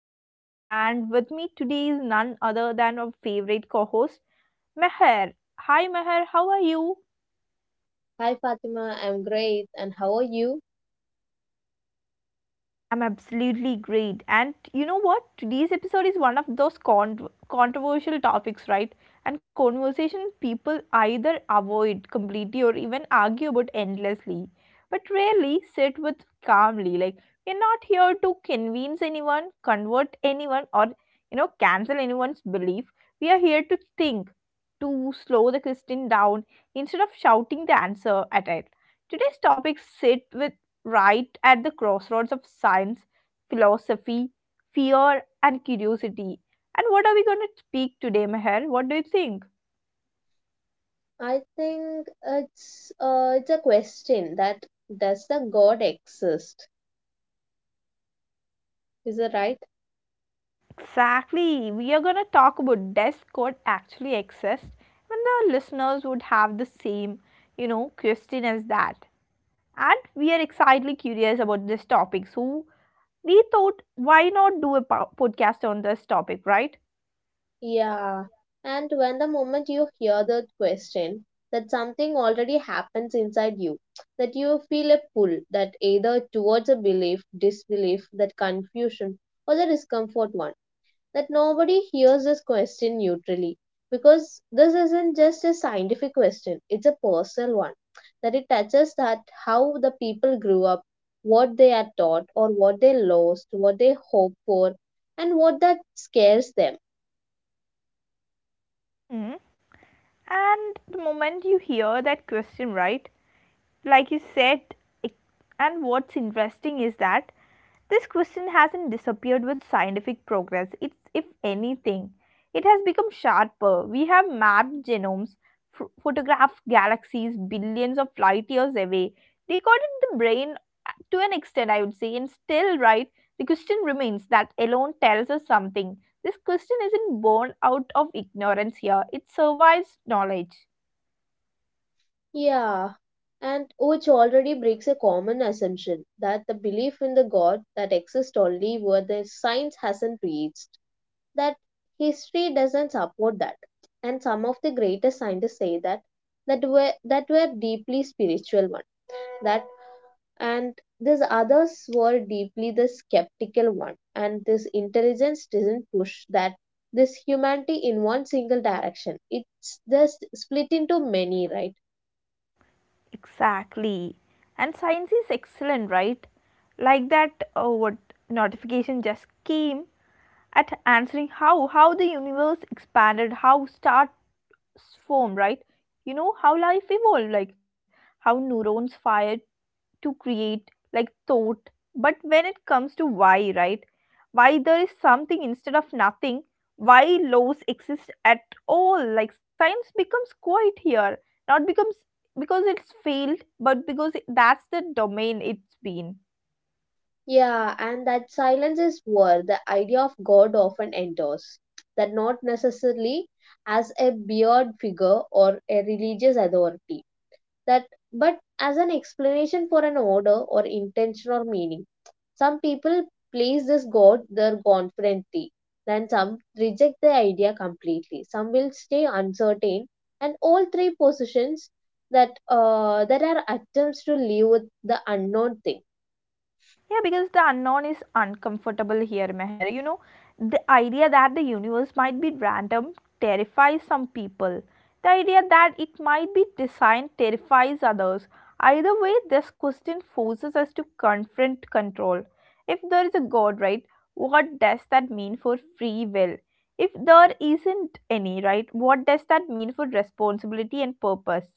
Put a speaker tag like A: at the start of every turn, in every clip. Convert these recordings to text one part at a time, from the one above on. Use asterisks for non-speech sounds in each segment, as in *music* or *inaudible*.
A: host, and with me today is none other than our favorite co host, Meher. Hi, Meher, how are you?
B: Hi Fatima, I'm great. And how are you?
A: I'm absolutely great. And you know what? Today's episode is one of those controversial topics, right? And conversation people either avoid completely or even argue about endlessly, but rarely sit with calmly. Like, we're not here to convince anyone, convert anyone, or, cancel anyone's belief. We are here to think, to slow the question down instead of shouting the answer at it. Today's topic sit with right at the crossroads of science, philosophy, fear, and curiosity. And what are we going to speak today, Meher? What do you think?
B: I think it's a question that does the God exist? Is it right?
A: Exactly. We are going to talk about does code actually exist? And the listeners would have the same, question as that. And we are excitedly curious about this topic. So we thought, why not do a podcast on this topic, right?
B: Yeah. And when the moment you hear the question, that something already happens inside you, that you feel a pull that either towards a belief, disbelief, that confusion, or the discomfort one that nobody hears this question neutrally because this isn't just a scientific question, it's a personal one. That it touches that how the people grew up, what they are taught, or what they lost, what they hope for, and what that scares them.
A: Hmm. And the moment you hear that question, right? Like you said it- and what's interesting is that this question hasn't disappeared with scientific progress. It's, if anything, it has become sharper. We have mapped genomes, photographed galaxies billions of light years away, recorded the brain, to an extent, I would say, and still, right, the question remains. That alone tells us something. This question isn't born out of ignorance here, it survives knowledge.
B: Yeah, and which already breaks a common assumption that the belief in the God that exists only where the science hasn't reached. That history doesn't support that. And some of the greatest scientists say that that were deeply spiritual one. That and these others were deeply the skeptical one. And this intelligence doesn't push that this humanity in one single direction. It's just split into many, right?
A: Exactly. And science is excellent, right? Like that, oh, what notification just came, at answering how the universe expanded, how star form, right? You know, how life evolved, like how neurons fire to create like thought. But when it comes to why, right? Why there is something instead of nothing, why laws exist at all. Like, science becomes quiet here. Not becomes because it's failed, but because that's the domain it's been.
B: Yeah, and that silence is where the idea of God often enters. That not necessarily as a beard figure or a religious authority that but as an explanation for an order or intention or meaning. Some people place this god there confidently, then some reject the idea completely. Some will stay uncertain, and all three positions that that are attempts to live with the unknown thing.
A: Yeah, because the unknown is uncomfortable here, Meher. You know, the idea that the universe might be random terrifies some people. The idea that it might be designed terrifies others. Either way, this question forces us to confront control. If there is a God, right, what does that mean for free will? If there isn't any, right, what does that mean for responsibility and purpose?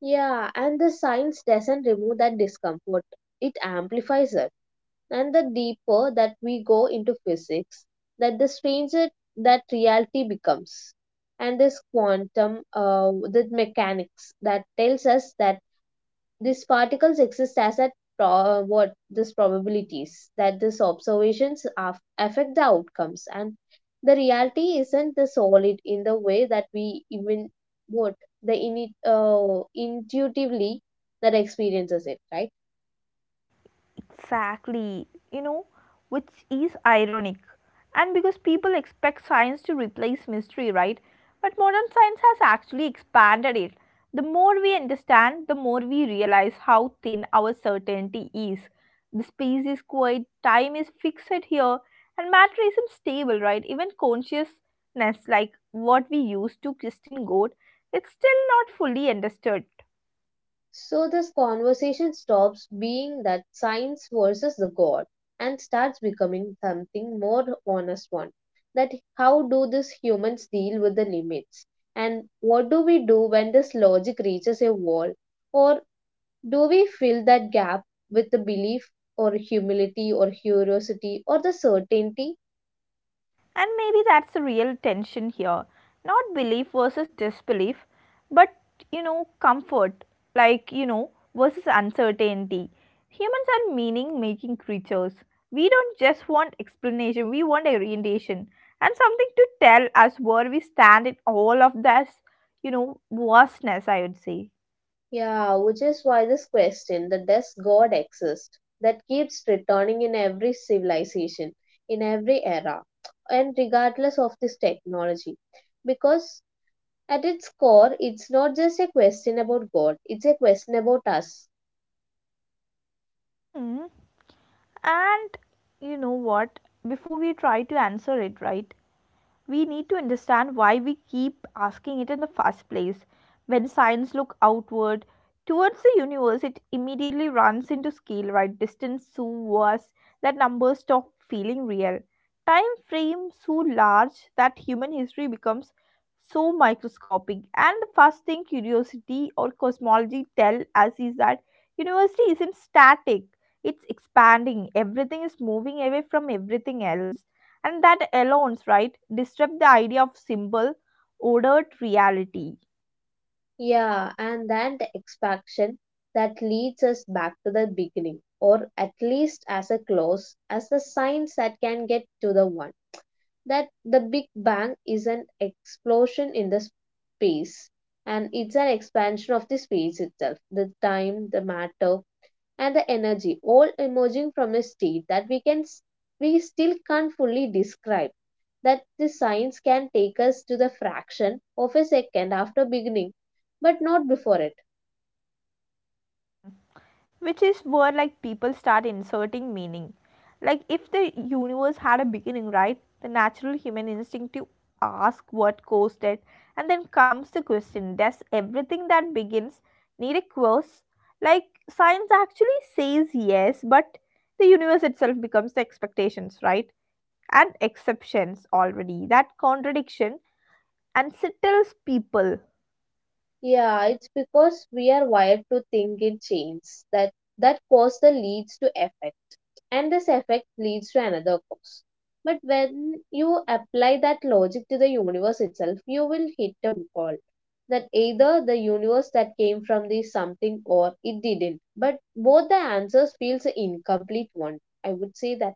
B: Yeah, and the science doesn't remove that discomfort; it amplifies it. And the deeper that we go into physics, that the stranger that reality becomes. And this quantum, the mechanics that tells us that these particles exist as a what this probabilities that these observations affect the outcomes and the reality isn't the solid in the way that we even what the init intuitively that experiences it right.
A: Exactly, you know, which is ironic. And because people expect science to replace mystery, right? But modern science has actually expanded it. The more we understand, the more we realize how thin our certainty is. The space is quiet, time is fixed here, and matter isn't stable, right? Even consciousness, like what we use to Christian God, it's still not fully understood.
B: So this conversation stops being that science versus the God and starts becoming something more honest one. That how do these humans deal with the limits? And what do we do when this logic reaches a wall? Or do we fill that gap with the belief or humility or curiosity or the certainty.
A: And maybe that's the real tension here. Not belief versus disbelief, but, you know, comfort, like, you know, versus uncertainty. Humans are meaning making creatures. We don't just want explanation, we want orientation and something to tell us where we stand in all of this, you know, vastness, I would say.
B: Yeah, which is why this question, the does God exist, that keeps returning in every civilization, in every era, and regardless of this technology. Because at its core, it's not just a question about God, it's a question about us.
A: Hmm. And you know what? Before we try to answer it, right? We need to understand why we keep asking it in the first place. When science look outward towards the universe, it immediately runs into scale, right? Distance so vast that numbers stop feeling real. Time frame so large that human history becomes so microscopic. And the first thing curiosity or cosmology tell us is that university isn't static. It's expanding. Everything is moving away from everything else. And that alone, right, disrupt the idea of simple, ordered reality,
B: Yeah, and then the expansion that leads us back to the beginning, or at least as a close, as the science that can get to the one. That the Big Bang is an explosion in the space and it's an expansion of the space itself, the time, the matter, and the energy, all emerging from a state that we still can't fully describe. That the science can take us to the fraction of a second after beginning, but not before it.
A: which is where like people start inserting meaning. Like, if the universe had a beginning, right, the natural human instinct to ask what caused it, and then comes the question: does everything that begins need a cause? Like, science actually says yes, but the universe itself becomes the expectations, right? And exceptions already. That contradiction unsettles people.
B: Yeah, it's because we are wired to think in chains that that cause the leads to effect and this effect leads to another cause. But when you apply that logic to the universe itself, you will hit a wall that either the universe that came from the something or it didn't. But both the answers feels a incomplete one. I would say that.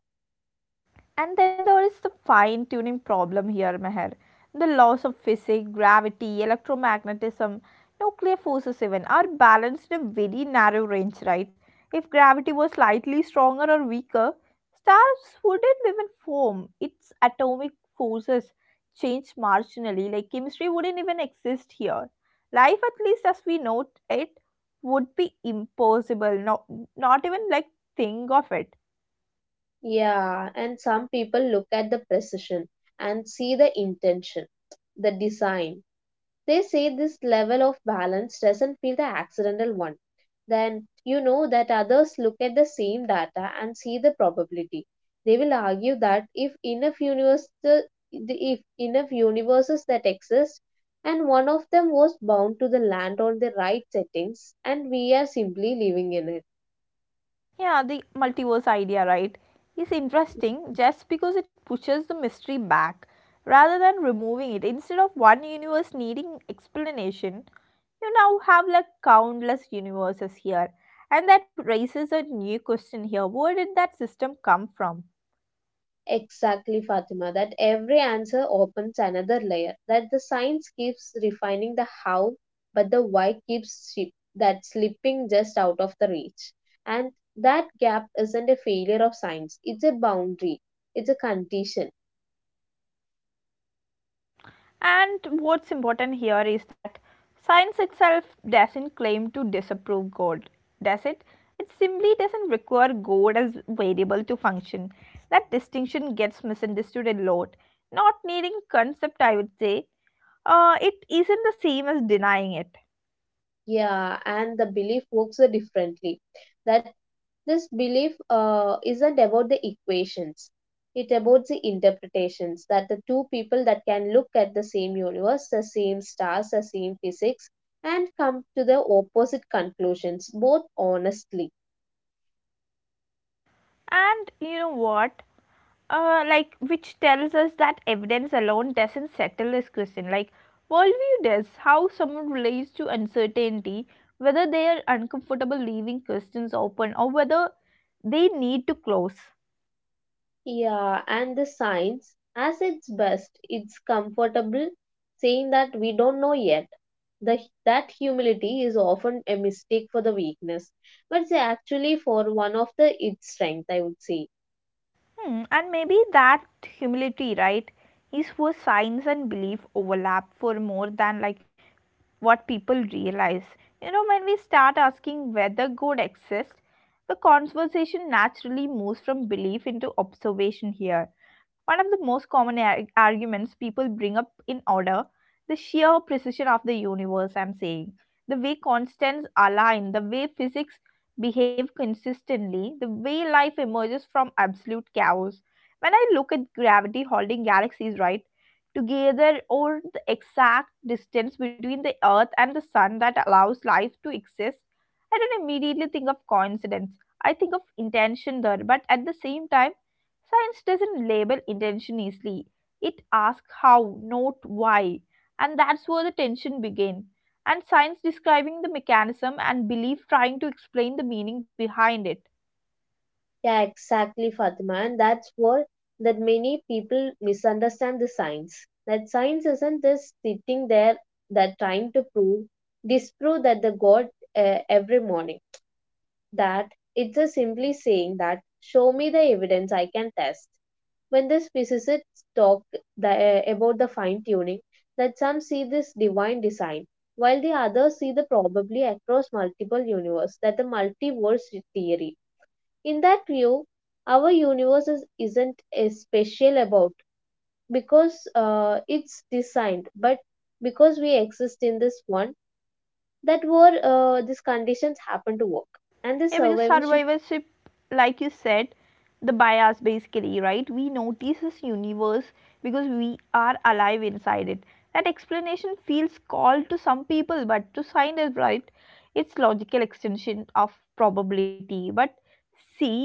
A: And then there is the fine tuning problem here, Meher. The laws of physics, gravity, electromagnetism, nuclear forces, even are balanced in a very narrow range, right? If gravity was slightly stronger or weaker, stars wouldn't even form. Its atomic forces change marginally, like chemistry wouldn't even exist here. Life, at least as we know it, would be impossible, not even like think of it.
B: Yeah, and some people look at the precision and see the intention, the design. They say this level of balance doesn't feel the accidental one. Then you know that others look at the same data and see the probability. They will argue that if if enough universes that exist and one of them was bound to the land on the right settings and we are simply living in it.
A: Yeah, the multiverse idea, right, is interesting just because it pushes the mystery back rather than removing it. Instead of one universe needing explanation, you now have like countless universes here. And that raises a new question here: where did that system come from?
B: Exactly, Fatima, that every answer opens another layer, that the science keeps refining the how, but the why keeps that slipping just out of the reach. And that gap isn't a failure of science, it's a boundary, it's a condition.
A: And what's important here is that science itself doesn't claim to disapprove God, does it? It simply doesn't require God as variable to function. That distinction gets misunderstood a lot. Not needing concept, I would say. It isn't the same as denying it.
B: Yeah, and the belief works differently. That this belief isn't about the equations. It about the interpretations that the two people that can look at the same universe, the same stars, the same physics, and come to the opposite conclusions, both honestly.
A: And you know what? Like, which tells us that evidence alone doesn't settle this question. Like, worldview does, how someone relates to uncertainty, whether they are uncomfortable leaving questions open or whether they need to close.
B: Yeah, and the science, as its best, it's comfortable saying that we don't know yet. The, that humility is often a mistake for the weakness, but it's actually for one of the its strength, I would say.
A: Hmm, and maybe that humility, right, is where science and belief overlap for more than like what people realize. You know, when we start asking whether God exists, the conversation naturally moves from belief into observation here. One of the most common arguments people bring up in order, the sheer precision of the universe, I'm saying. The way constants align, the way physics behave consistently, the way life emerges from absolute chaos. When I look at gravity holding galaxies, right, together or the exact distance between the earth and the sun that allows life to exist, I don't immediately think of coincidence. I think of intention there, but at the same time, science doesn't label intention easily. It asks how, not why, and that's where the tension begins. And science describing the mechanism and belief trying to explain the meaning behind it.
B: Yeah, exactly, Fatima, and that's what that many people misunderstand the science. That science isn't just sitting there that trying to prove, disprove that the God every morning that it's a simply saying that show me the evidence I can test. When these physicists talk about the fine tuning, that some see this divine design, while the others see the probably across multiple universe that the multiverse theory. In that view, our universe isn't a special about because it's designed, but because we exist in this one that were these conditions happen to work and the
A: Yeah, because
B: survival.
A: survivorship, like you said, the bias basically, right? We notice this universe because we are alive inside it. That explanation feels cold to some people, but to scientists, right? It's logical extension of probability. But see,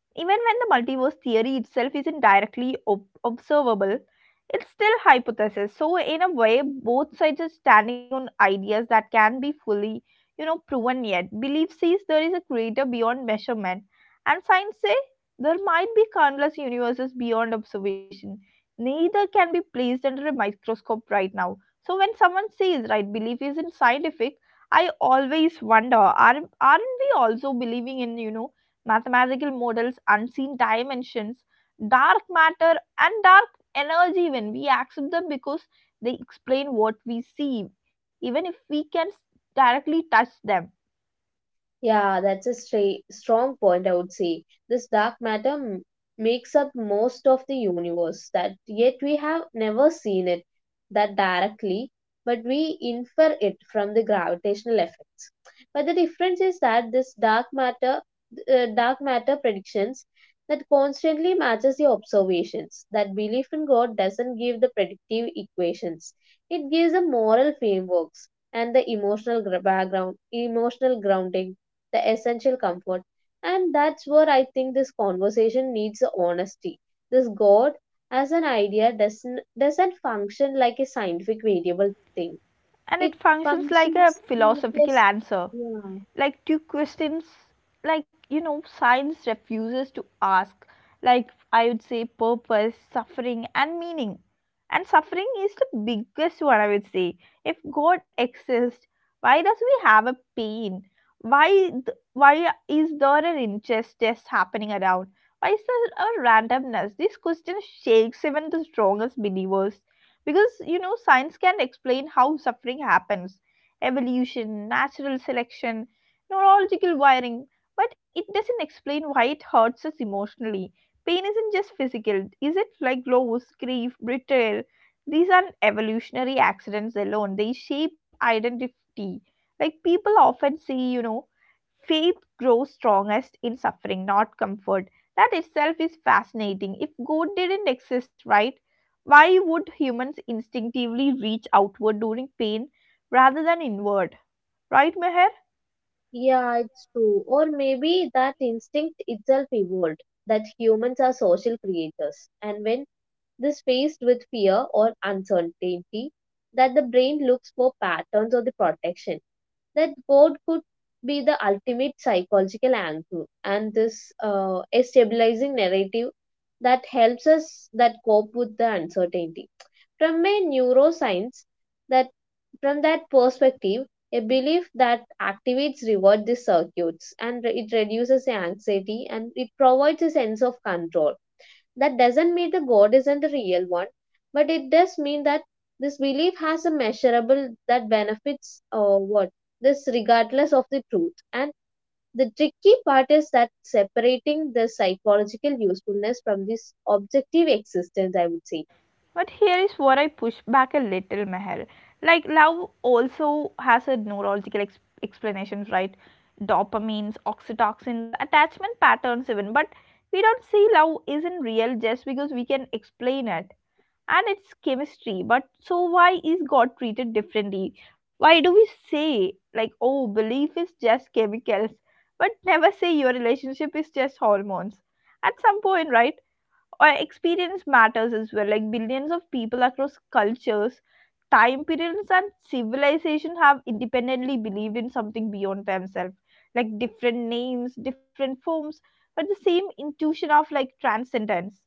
A: even when the multiverse theory itself isn't directly observable, it's still hypothesis. So in a way, both sides are standing on ideas that can be fully, you know, proven yet. Belief says there is a creator beyond measurement, and science say there might be countless universes beyond observation. Neither can be placed under a microscope right now. So when someone says right belief isn't scientific, I always wonder, aren't we also believing in, you know, mathematical models, unseen dimensions, dark matter, and dark energy when we accept them because they explain what we see even if we can directly touch them.
B: Yeah, that's a stra strong point, I would say. This dark matter m makes up most of the universe, that yet we have never seen it that directly, but we infer it from the gravitational effects. But the difference is that this dark matter predictions that constantly matches the observations. That belief in God doesn't give the predictive equations. It gives the moral frameworks and the background, emotional grounding, the essential comfort. And that's where I think this conversation needs the honesty. This God as an idea doesn't function like a scientific variable thing.
A: And
B: It
A: it functions like a
B: functions like
A: philosophical
B: this.
A: answer,
B: Yeah.
A: like to questions like, you know, science refuses to ask, like, I would say, purpose, suffering, and meaning. And suffering is the biggest one, I would say. If God exists, why does we have a pain? Why, th- why is there an injustice happening around? Why is there a randomness? This question shakes even the strongest believers. Because, you know, science can explain how suffering happens, evolution, natural selection, neurological wiring, but it doesn't explain why it hurts us emotionally. Pain isn't just physical, is it? Like loss, grief, betrayal, these aren't evolutionary accidents alone, they shape identity. Like people often say, you know, faith grows strongest in suffering, not comfort. That itself is fascinating. If god didn't exist, right, why would humans instinctively reach outward during pain rather than inward? Right, Meher?
B: Yeah, it's true. Or maybe that instinct itself evolved, that humans are social creatures. And when this faced with fear or uncertainty that the brain looks for patterns of the protection. That God could be the ultimate psychological anchor and this a stabilizing narrative that helps us that cope with the uncertainty. From a neuroscience that from that perspective, a belief that activates reward the circuits and it reduces the anxiety and it provides a sense of control that doesn't mean the God isn't the real one, but it does mean that this belief has a measurable that benefits or what this regardless of the truth. And the tricky part is that separating the psychological usefulness from this objective existence, I would say.
A: But here is where I push back a little, Meher. Like, love also has a neurological explanation, right? Dopamines, oxytocins, attachment patterns, even. But we don't see love isn't real just because we can explain it and it's chemistry. But so why is god treated differently? Why do we say, like, oh, belief is just chemicals, but never say your relationship is just hormones? At some point, right, or experience matters as well. Like, billions of people across cultures, time periods and civilization have independently believed in something beyond themselves, like different names, different forms, but the same intuition of like transcendence.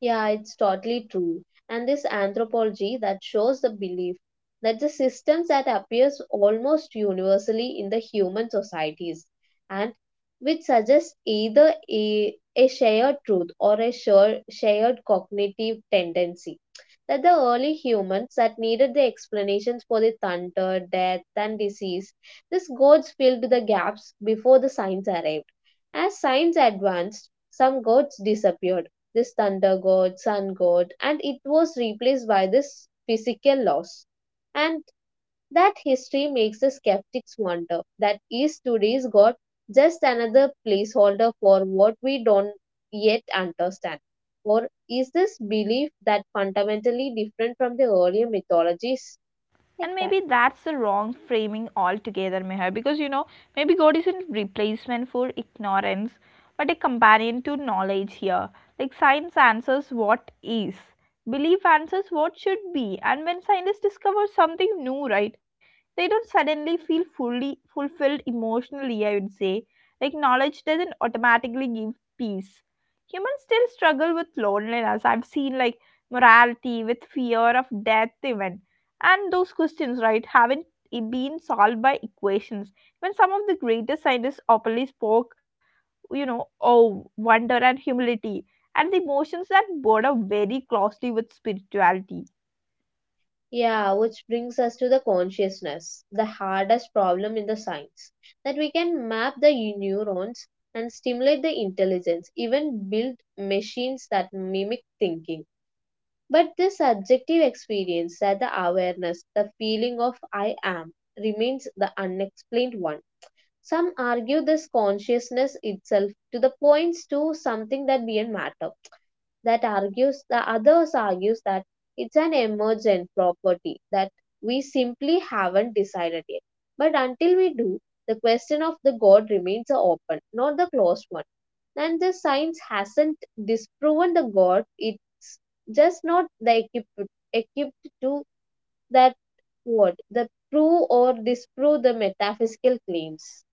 B: Yeah, it's totally true. And this anthropology that shows the belief that the systems that appears almost universally in the human societies and which suggests either a shared truth or a shared cognitive tendency that the early humans that needed the explanations for the thunder, death and disease, these gods filled the gaps before the science arrived. As science advanced, some gods disappeared, this thunder god, sun god, and it was replaced by this physical laws. And that history makes the skeptics wonder that is today's god just another placeholder for what we don't yet understand? Or is this belief that fundamentally different from the earlier mythologies
A: And
B: like that?
A: maybe that's the wrong framing altogether, Meher, because, you know, maybe god isn't replacement for ignorance but a companion to knowledge here. Like, science answers what is, belief answers what should be. And when scientists discover something new, right, they don't suddenly feel fully fulfilled emotionally, I would say. Like, knowledge doesn't automatically give peace. Humans still struggle with loneliness, I've seen, like morality, with fear of death even. And those questions, right, haven't I- been solved by equations. When some of the greatest scientists openly spoke, you know, of wonder and humility, and the emotions that border very closely with spirituality.
B: Yeah, which brings us to the consciousness, the hardest problem in the science. That we can map the neurons and stimulate the intelligence, even build machines that mimic thinking. But the subjective experience, that the awareness, the feeling of I am, remains the unexplained one. Some argue this consciousness itself to the points to something that beyond matter that argues the others argues that it's an emergent property that we simply haven't decided yet. But until we do, the question of the God remains a open, not the closed one. And the science hasn't disproven the God, it's just not the equipped to that word, the prove or disprove the metaphysical claims.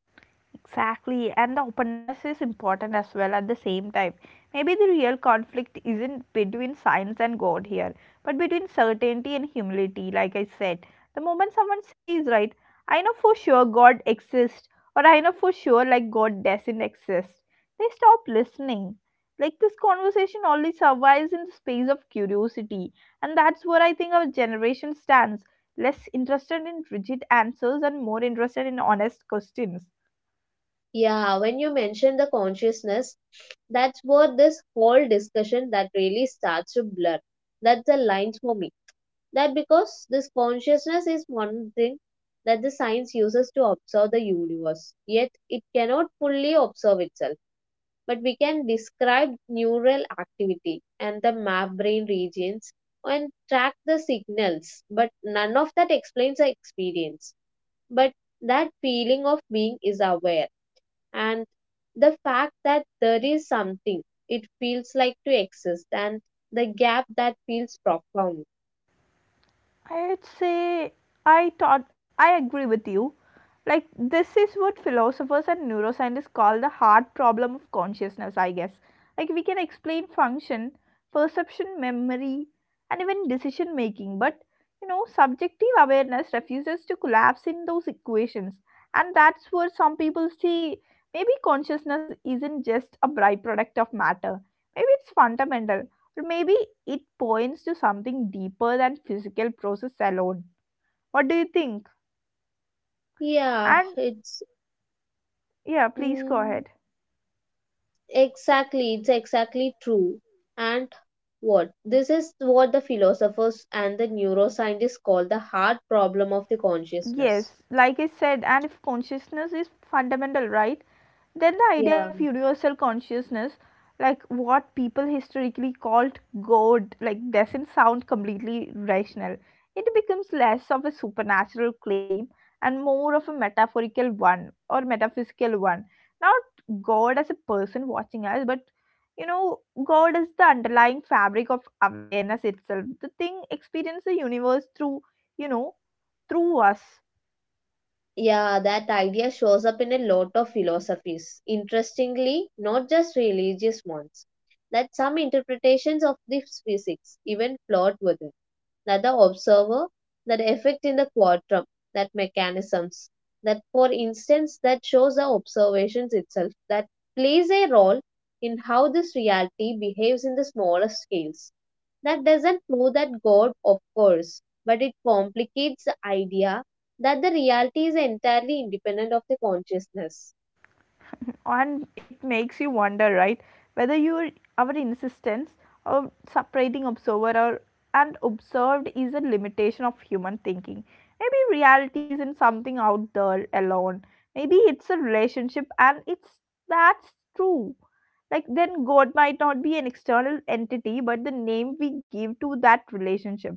A: Exactly, and the openness is important as well at the same time. Maybe the real conflict isn't between science and God here, but between certainty and humility, like I said. The moment someone says, right, I know for sure God exists, or I know for sure like God doesn't exist, they stop listening. Like this conversation only survives in the space of curiosity, and that's where I think our generation stands less interested in rigid answers and more interested in honest questions
B: Yeah, when you mentioned the consciousness, that's where this whole discussion that really starts to blur. That's the lines for me. That because this consciousness is one thing that the science uses to observe the universe, yet it cannot fully observe itself. But we can describe neural activity and the map brain regions and track the signals, but none of that explains the experience. But that feeling of being is aware and the fact that there is something it feels like to exist and the gap that feels profound.
A: I'd say I thought I agree with you. Like this is what philosophers and neuroscientists call the hard problem of consciousness, I guess. Like we can explain function, perception, memory, and even decision making, but subjective awareness refuses to collapse in those equations. And that's where some people see maybe consciousness isn't just a byproduct of matter. Maybe it's fundamental. Or maybe it points to something deeper than physical process alone. What do you think?
B: yeah
A: And
B: it's
A: yeah, please go
B: mm,
A: ahead.
B: exactly, it's exactly true. And what this is what the philosophers and the neuroscientists call the hard problem of the consciousness.
A: Yes, like I said, and if consciousness is fundamental, right? Then the idea of
B: Yeah.
A: universal consciousness, like what people historically called God, like doesn't sound completely rational. It becomes less of a supernatural claim and more of a metaphorical one or metaphysical one. Not God as a person watching us, but God is the underlying fabric of awareness itself. The thing experiences the universe through, you know, through us
B: Yeah, that idea shows up in a lot of philosophies. Interestingly, not just religious ones. That some interpretations of this physics even flirt with it. That the observer, that effect in the quantum, that mechanisms, that for instance, that shows the observations itself, that plays a role in how this reality behaves in the smaller scales. That doesn't prove that God, of course, but it complicates the idea that the reality is entirely independent of the consciousness.
A: and it makes you wonder, right? Whether your our insistence of separating observer or, and observed is a limitation of human thinking. Maybe reality isn't something out there alone. Maybe it's a relationship, and it's that's true. Like then, God might not be an external entity, but the name we give to that relationship.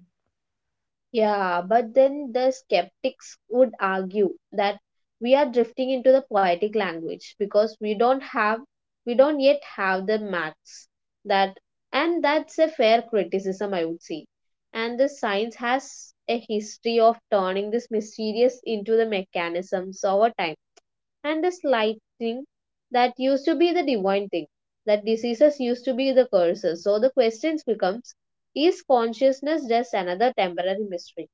B: Yeah, but then the skeptics would argue that we are drifting into the poetic language because we don't yet have the maths that and that's a fair criticism I would say. And the science has a history of turning this mysterious into the mechanisms over time and the slighting that used to be the divine thing, that diseases used to be the curses. So the questions becomes, is consciousness just another temporary mystery?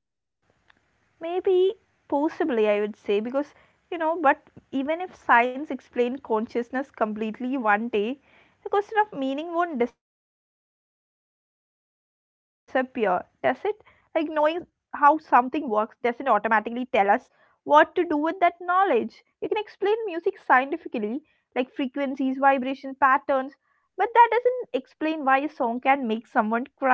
A: Maybe, possibly, I would say, because but even if science explained consciousness completely one day, the question of meaning won't disappear, does it? Like, knowing how something works doesn't automatically tell us what to do with that knowledge. You can explain music scientifically, like frequencies, vibration, patterns, but that doesn't explain why a song can make someone cry, does it?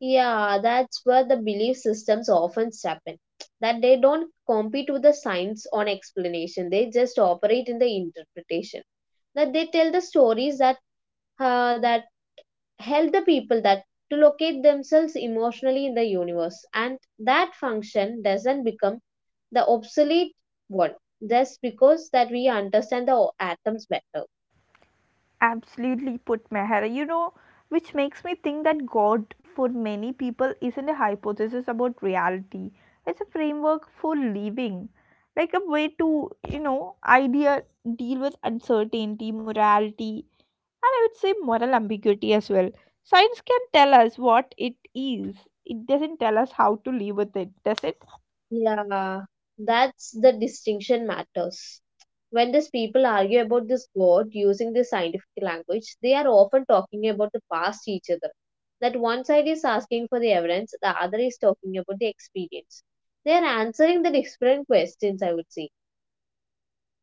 B: Yeah, that's where the belief systems often happen. That they don't compete with the science on explanation. They just operate in the interpretation. That they tell the stories that that help the people that to locate themselves emotionally in the universe and that function doesn't become the obsolete one just because that we understand the atoms better.
A: Absolutely put Mehra, which makes me think that God for many people isn't a hypothesis about reality. It's a framework for living. Like a way to, you know, idea deal with uncertainty, morality, and I would say moral ambiguity as well. Science can tell us what it is. It doesn't tell us how to live with it, does it?
B: Yeah, that's the distinction matters when these people argue about this god using this scientific language. They are often talking about the past each other. That one side is asking for the evidence, the other is talking about the experience. They are answering the different questions, I would say.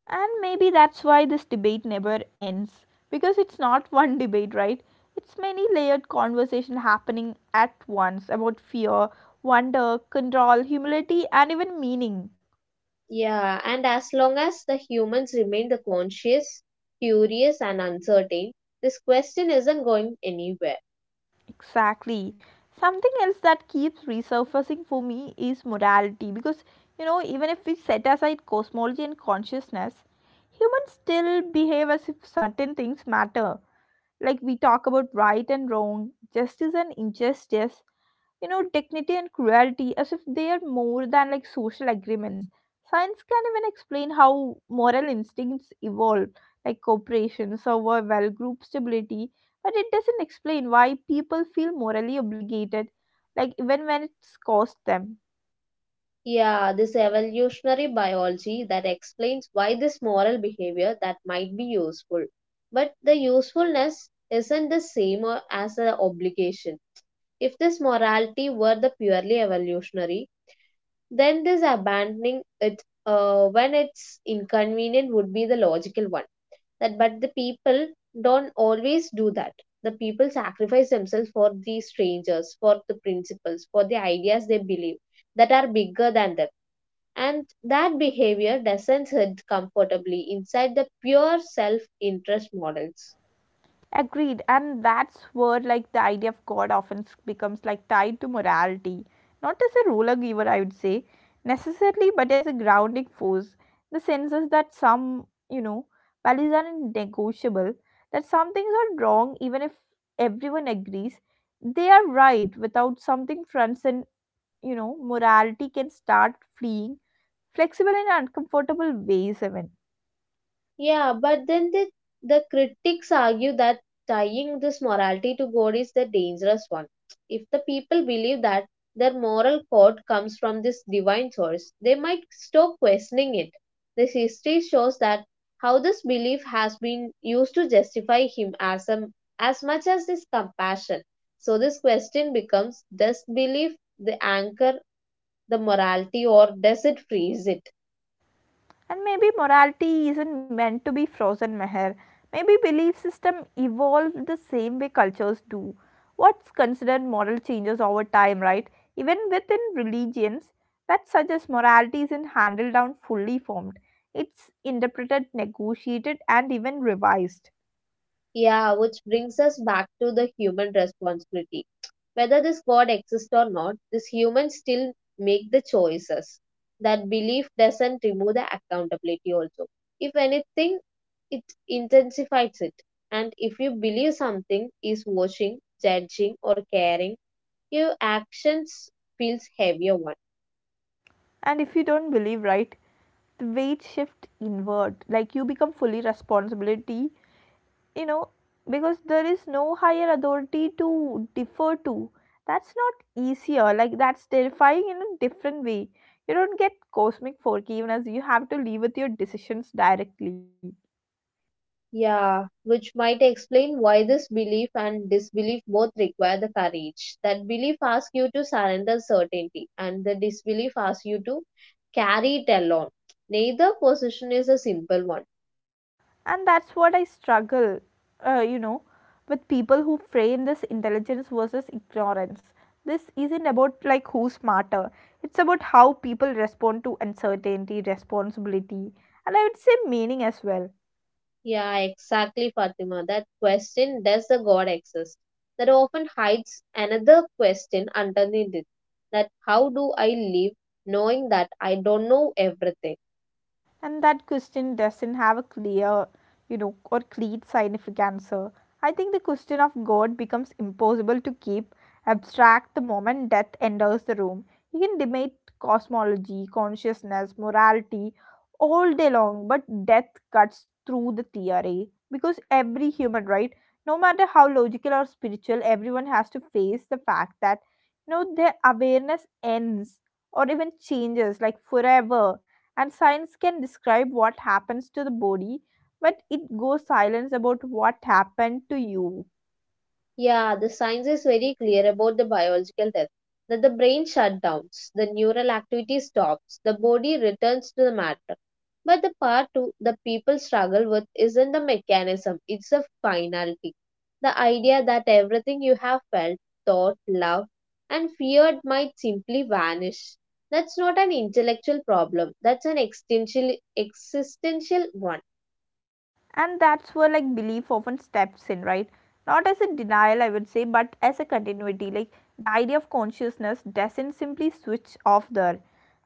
A: And maybe that's why this debate never ends because it's not one debate, right? It's many layered conversation happening at once about fear, wonder, control, humility and even meaning.
B: Yeah, and as long as the humans remain the conscious, curious, and uncertain, this question isn't going anywhere.
A: Exactly. Something else that keeps resurfacing for me is morality because even if we set aside cosmology and consciousness, humans still behave as if certain things matter. Like we talk about right and wrong, justice and injustice, dignity and cruelty as if they are more than like social agreements. Science can even explain how moral instincts evolve, like cooperation, survival, group stability, but it doesn't explain why people feel morally obligated, like even when it's cost them.
B: Yeah, this evolutionary biology that explains why this moral behavior that might be useful. But the usefulness isn't the same as the obligation. If this morality were the purely evolutionary, then this abandoning it when it's inconvenient would be the logical one. That but the people don't always do that. The people sacrifice themselves for these strangers, for the principles, for the ideas they believe that are bigger than them, and that behavior doesn't sit comfortably inside the pure self interest models.
A: Agreed, and that's where like the idea of God often becomes like tied to morality, not as a ruler giver, I would say necessarily, but as a grounding force. The sense is that some, values are negotiable, that some things are wrong even if everyone agrees they are right. Without something transcend, morality can start fleeing flexible and uncomfortable ways even.
B: Yeah, but then the critics argue that tying this morality to God is the dangerous one. If the people believe that their moral code comes from this divine source, they might stop questioning it. This history shows that how this belief has been used to justify him as, a, as much as this compassion. So this question becomes, does belief the anchor the morality or does it freeze it?
A: And maybe morality isn't meant to be frozen, Meher. Maybe belief system evolve the same way cultures do. What's considered moral changes over time, right? Even within religions, that suggests morality isn't handed down fully formed. It's interpreted, negotiated, and even revised.
B: Yeah, which brings us back to the human responsibility. Whether this God exists or not, these humans still make the choices. That belief doesn't remove the accountability, also. If anything, it intensifies it. And if you believe something is watching, judging, or caring, your actions feels heavier one.
A: And if you don't believe, right, the weight shift inward. Like you become fully responsibility you know because there is no higher authority to defer to. That's not easier, like that's terrifying in a different way. You don't get cosmic forgiveness, you have to live with your decisions directly.
B: Yeah, which might explain why this belief and disbelief both require the courage. That belief asks you to surrender certainty, and the disbelief asks you to carry it alone. Neither position is a simple one.
A: And that's what I struggle uh, you know with, people who frame this intelligence versus ignorance. This isn't about like who's smarter, it's about how people respond to uncertainty, responsibility, and I would say meaning as well.
B: Yeah, exactly, Fatima. That question, does the God exist? That often hides another question underneath it. That how do I live knowing that I don't know everything?
A: And that question doesn't have a clear, or clear scientific answer. I think the question of God becomes impossible to keep abstract the moment death enters the room. You can debate cosmology, consciousness, morality all day long, but death cuts through the theory because every human, right, no matter how logical or spiritual, everyone has to face the fact that their awareness ends or even changes like forever. And science can describe what happens to the body, but it goes silence about what happened to you.
B: Yeah, the science is very clear about the biological death. That the brain shutdowns, the neural activity stops, the body returns to the matter. But the part two the people struggle with isn't the mechanism, it's the finality. The idea that everything you have felt, thought, loved, and feared might simply vanish. That's not an intellectual problem, that's an existential one.
A: And that's where like belief often steps in, right, not as a denial I would say, but as a continuity. Like the idea of consciousness doesn't simply switch off there,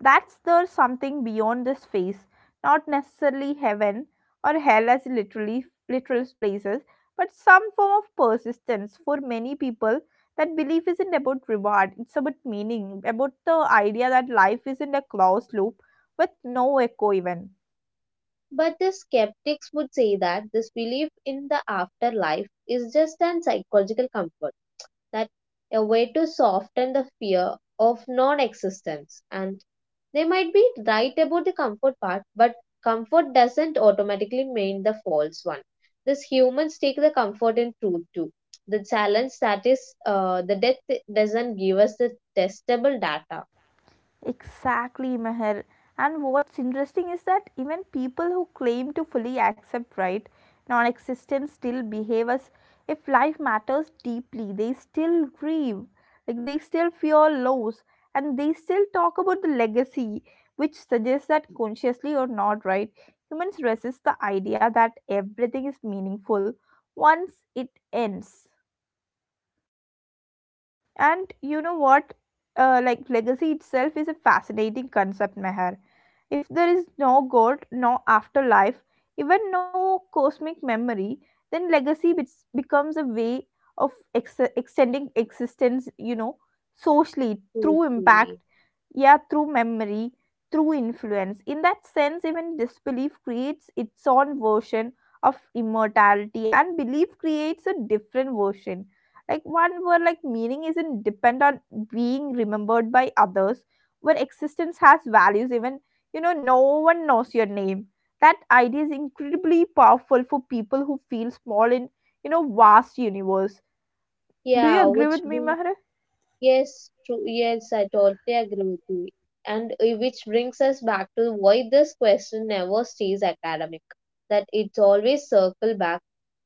A: that's there's something beyond this phase, not necessarily heaven or hell as literally literal places, but some form of persistence for many people. That belief isn't about reward, it's about meaning, about the idea that life isn't a closed loop with no echo even.
B: But the skeptics would say that this belief in the afterlife is just an psychological comfort, that a way to soften the fear of non existence. And they might be right about the comfort part, but comfort doesn't automatically mean the false one. These humans take the comfort in truth too. The challenge that is the death doesn't give us the testable data.
A: Exactly, Meher. And what's interesting is that even people who claim to fully accept, right, non existence still behave as if life matters deeply. They still grieve, like they still fear loss, and they still talk about the legacy, which suggests that consciously or not, right, humans resist the idea that everything is meaningful once it ends. And you know what? Like legacy itself is a fascinating concept, Meher. If there is no God, no afterlife, even no cosmic memory, then legacy bits becomes a way of extending existence, socially through
B: Totally.
A: impact, yeah, through memory, through influence. In that sense, even disbelief creates its own version of immortality, and belief creates a different version, like one where like meaning isn't depend on being remembered by others, where existence has values even no one knows your name. That idea is incredibly powerful for people who feel small in vast universe. Do you
B: Yeah,
A: agree
B: which
A: with me, Meher?
B: Yes, true. Yes, I totally agree with you. And which brings us back to why this question never stays academic. That it's always circle back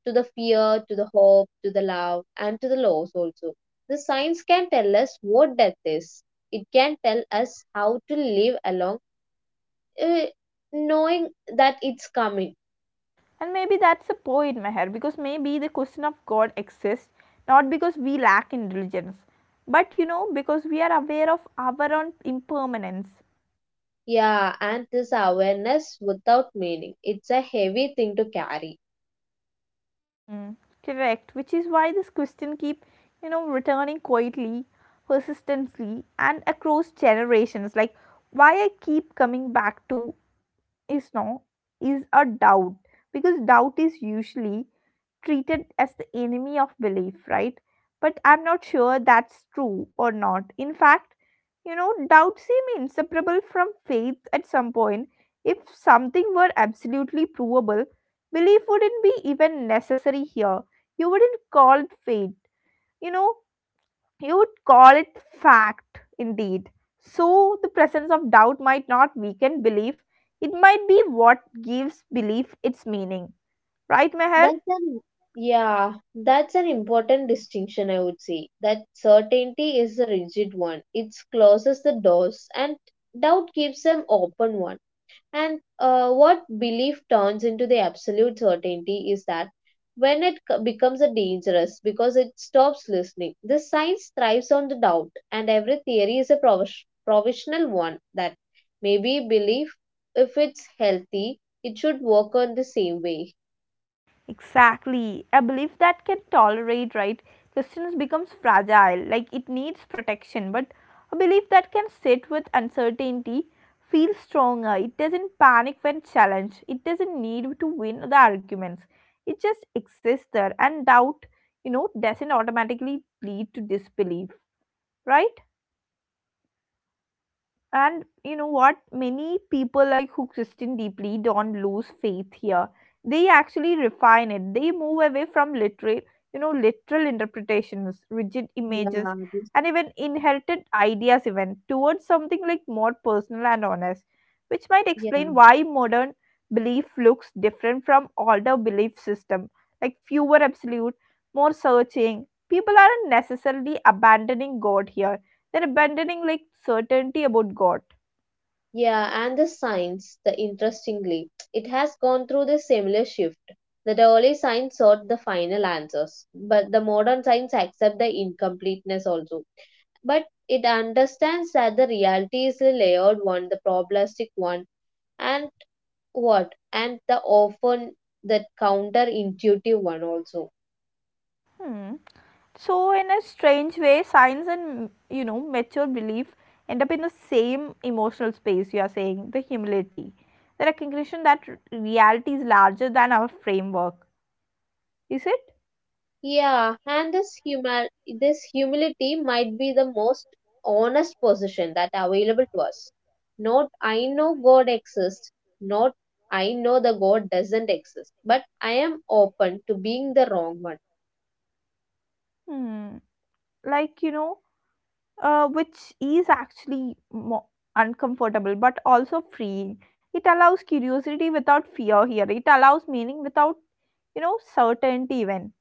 B: to the fear, to the hope, to the love, and to the loss also. The science can tell us what death is. It can tell us how to live along, uh, knowing that it's coming.
A: And maybe that's the point, Meher, because maybe the question of God exists not because we lack intelligence, but because we are aware of our own impermanence.
B: Yeah, and this awareness without meaning. It's a heavy thing to carry.
A: Mm, correct, which is why this question keep, returning quietly, persistently, and across generations. Like why I keep coming back to is no is a doubt, because doubt is usually treated as the enemy of belief, right? But I'm not sure that's true or not. In fact, doubt seems inseparable from faith at some point. If something were absolutely provable, belief wouldn't be even necessary here. You wouldn't call it faith, you know, you would call it fact indeed. So, the presence of doubt might not weaken belief, it might be what gives belief its meaning. Right, Meher?
B: That's an yeah, that's an important distinction I would say. That certainty is a rigid one. It closes the doors and doubt keeps them open one. And what belief turns into the absolute certainty is that when it becomes a dangerous because it stops listening. The science thrives on the doubt and every theory is a provisional one. That maybe belief, if it's healthy, it should work on the same way.
A: Exactly. A belief that can tolerate, right, questions becomes fragile, like it needs protection. But a belief that can sit with uncertainty feels stronger. It doesn't panic when challenged. It doesn't need to win the arguments. It just exists there. And doubt, doesn't automatically lead to disbelief, right? And you know what? Many people like who Christian deeply don't lose faith here. They actually refine it. They move away from literal, literal interpretations, rigid images,
B: Yeah,
A: and even inherited ideas, even towards something like more personal and honest, which might explain
B: yeah,
A: why modern belief looks different from older belief system. Like fewer absolute, more searching. People aren't necessarily abandoning God here, they're abandoning like certainty about God.
B: yeah, and the science, the interestingly, it has gone through the similar shift. The early science sought the final answers, but the modern science accepts the incompleteness also. But it understands that the reality is a layered one, the probabilistic one, and what? And the often that counterintuitive one also.
A: Hmm. So in a strange way, science and mature belief end up in the same emotional space. You are saying the humility, the recognition that reality is larger than our framework. Is it?
B: Yeah, and this humility might be the most honest position that available to us. Not I know God exists, not I know the God doesn't exist, but I am open to being the wrong one.
A: Hmm. like you know which is actually uncomfortable but also freeing. It allows curiosity without fear here, it allows meaning without certainty even.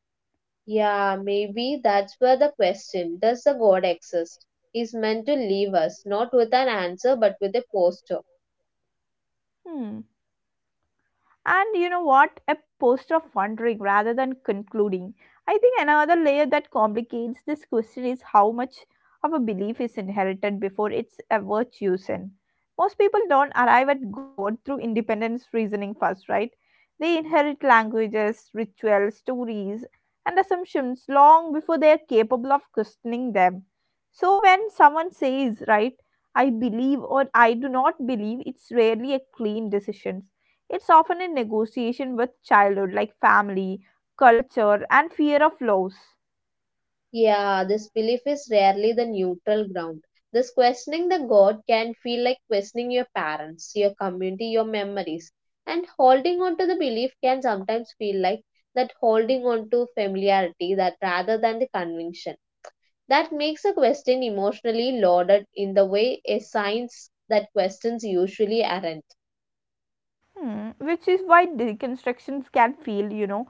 B: Yeah, maybe that's where the question, does the God exist, is meant to leave us, not with an answer but with a posture.
A: Hmm. And you know what? A poster of wondering rather than concluding. I think another layer that complicates this question is how much of a belief is inherited before it's ever chosen. Most people don't arrive at God through independence reasoning first, right? They inherit languages, rituals, stories, and assumptions long before they are capable of questioning them. So when someone says, right, I believe or I do not believe, it's rarely a clean decision, it's often in negotiation with childhood, like family, culture, and fear of loss.
B: Yeah, this belief is rarely the neutral ground. This questioning the God can feel like questioning your parents, your community, your memories. And holding on to the belief can sometimes feel like that holding on to familiarity that rather than the conviction. That makes a question emotionally loaded in the way a science that questions usually aren't.
A: Hmm. Which is why deconstructions can feel,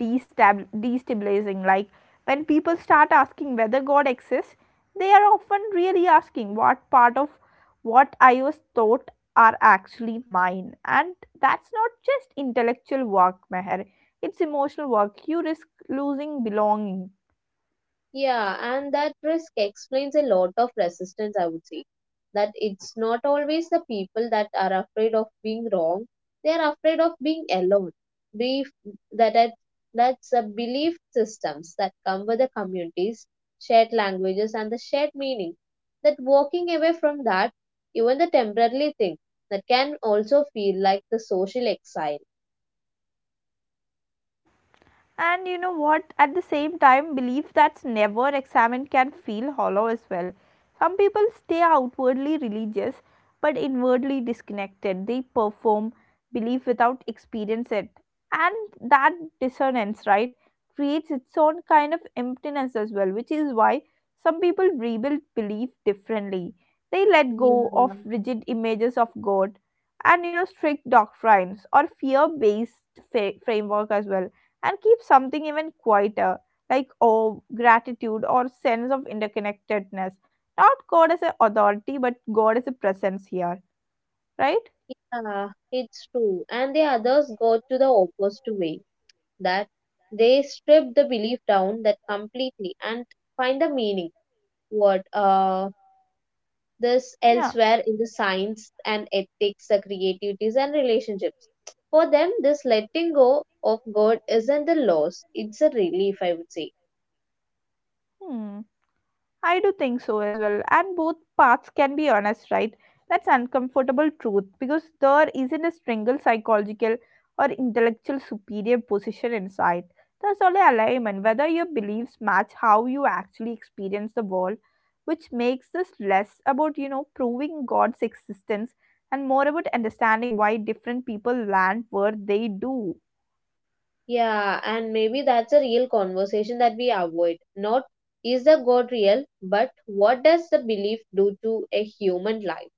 A: destabilizing. Like when people start asking whether God exists, they are often really asking what part of what I was taught are actually mine. And that's not just intellectual work, Meher. It's emotional work. You risk losing belonging.
B: Yeah, and that risk explains a lot of resistance, I would say. That it's not always the people that are afraid of being wrong, they are afraid of being alone. Belief that that- that's a belief systems that come with the communities, shared languages, and the shared meaning. That walking away from that, even the temporary thing, that can also feel like the social exile.
A: And you know what? At the same time, belief that's never examined can feel hollow as well. Some people stay outwardly religious but inwardly disconnected. They perform belief without experience it. And that dissonance, right, creates its own kind of emptiness as well, which is why some people rebuild belief differently. They let go of
B: Yeah,
A: rigid images of God and strict doctrines or fear based framework as well and keep something even quieter, like gratitude, or sense of interconnectedness. Not God as an authority, but God as a presence here, right?
B: yeah, it's true. And the others go to the opposite way that they strip the belief down that completely and find the meaning what this
A: Yeah.
B: elsewhere in the science and ethics, the creativities and relationships. For them this letting go of god isn't a loss, it's a relief, I would say.
A: Hmm. I do think so as well. And both paths can be honest, right? That's uncomfortable truth because there isn't a single psychological or intellectual superior position in sight. There's only alignment, whether your beliefs match how you actually experience the world, which makes this less about, proving God's existence and more about understanding why different people land where they do.
B: Yeah, and maybe that's a real conversation that we avoid. Not is the god real, but what does the belief do to a human life,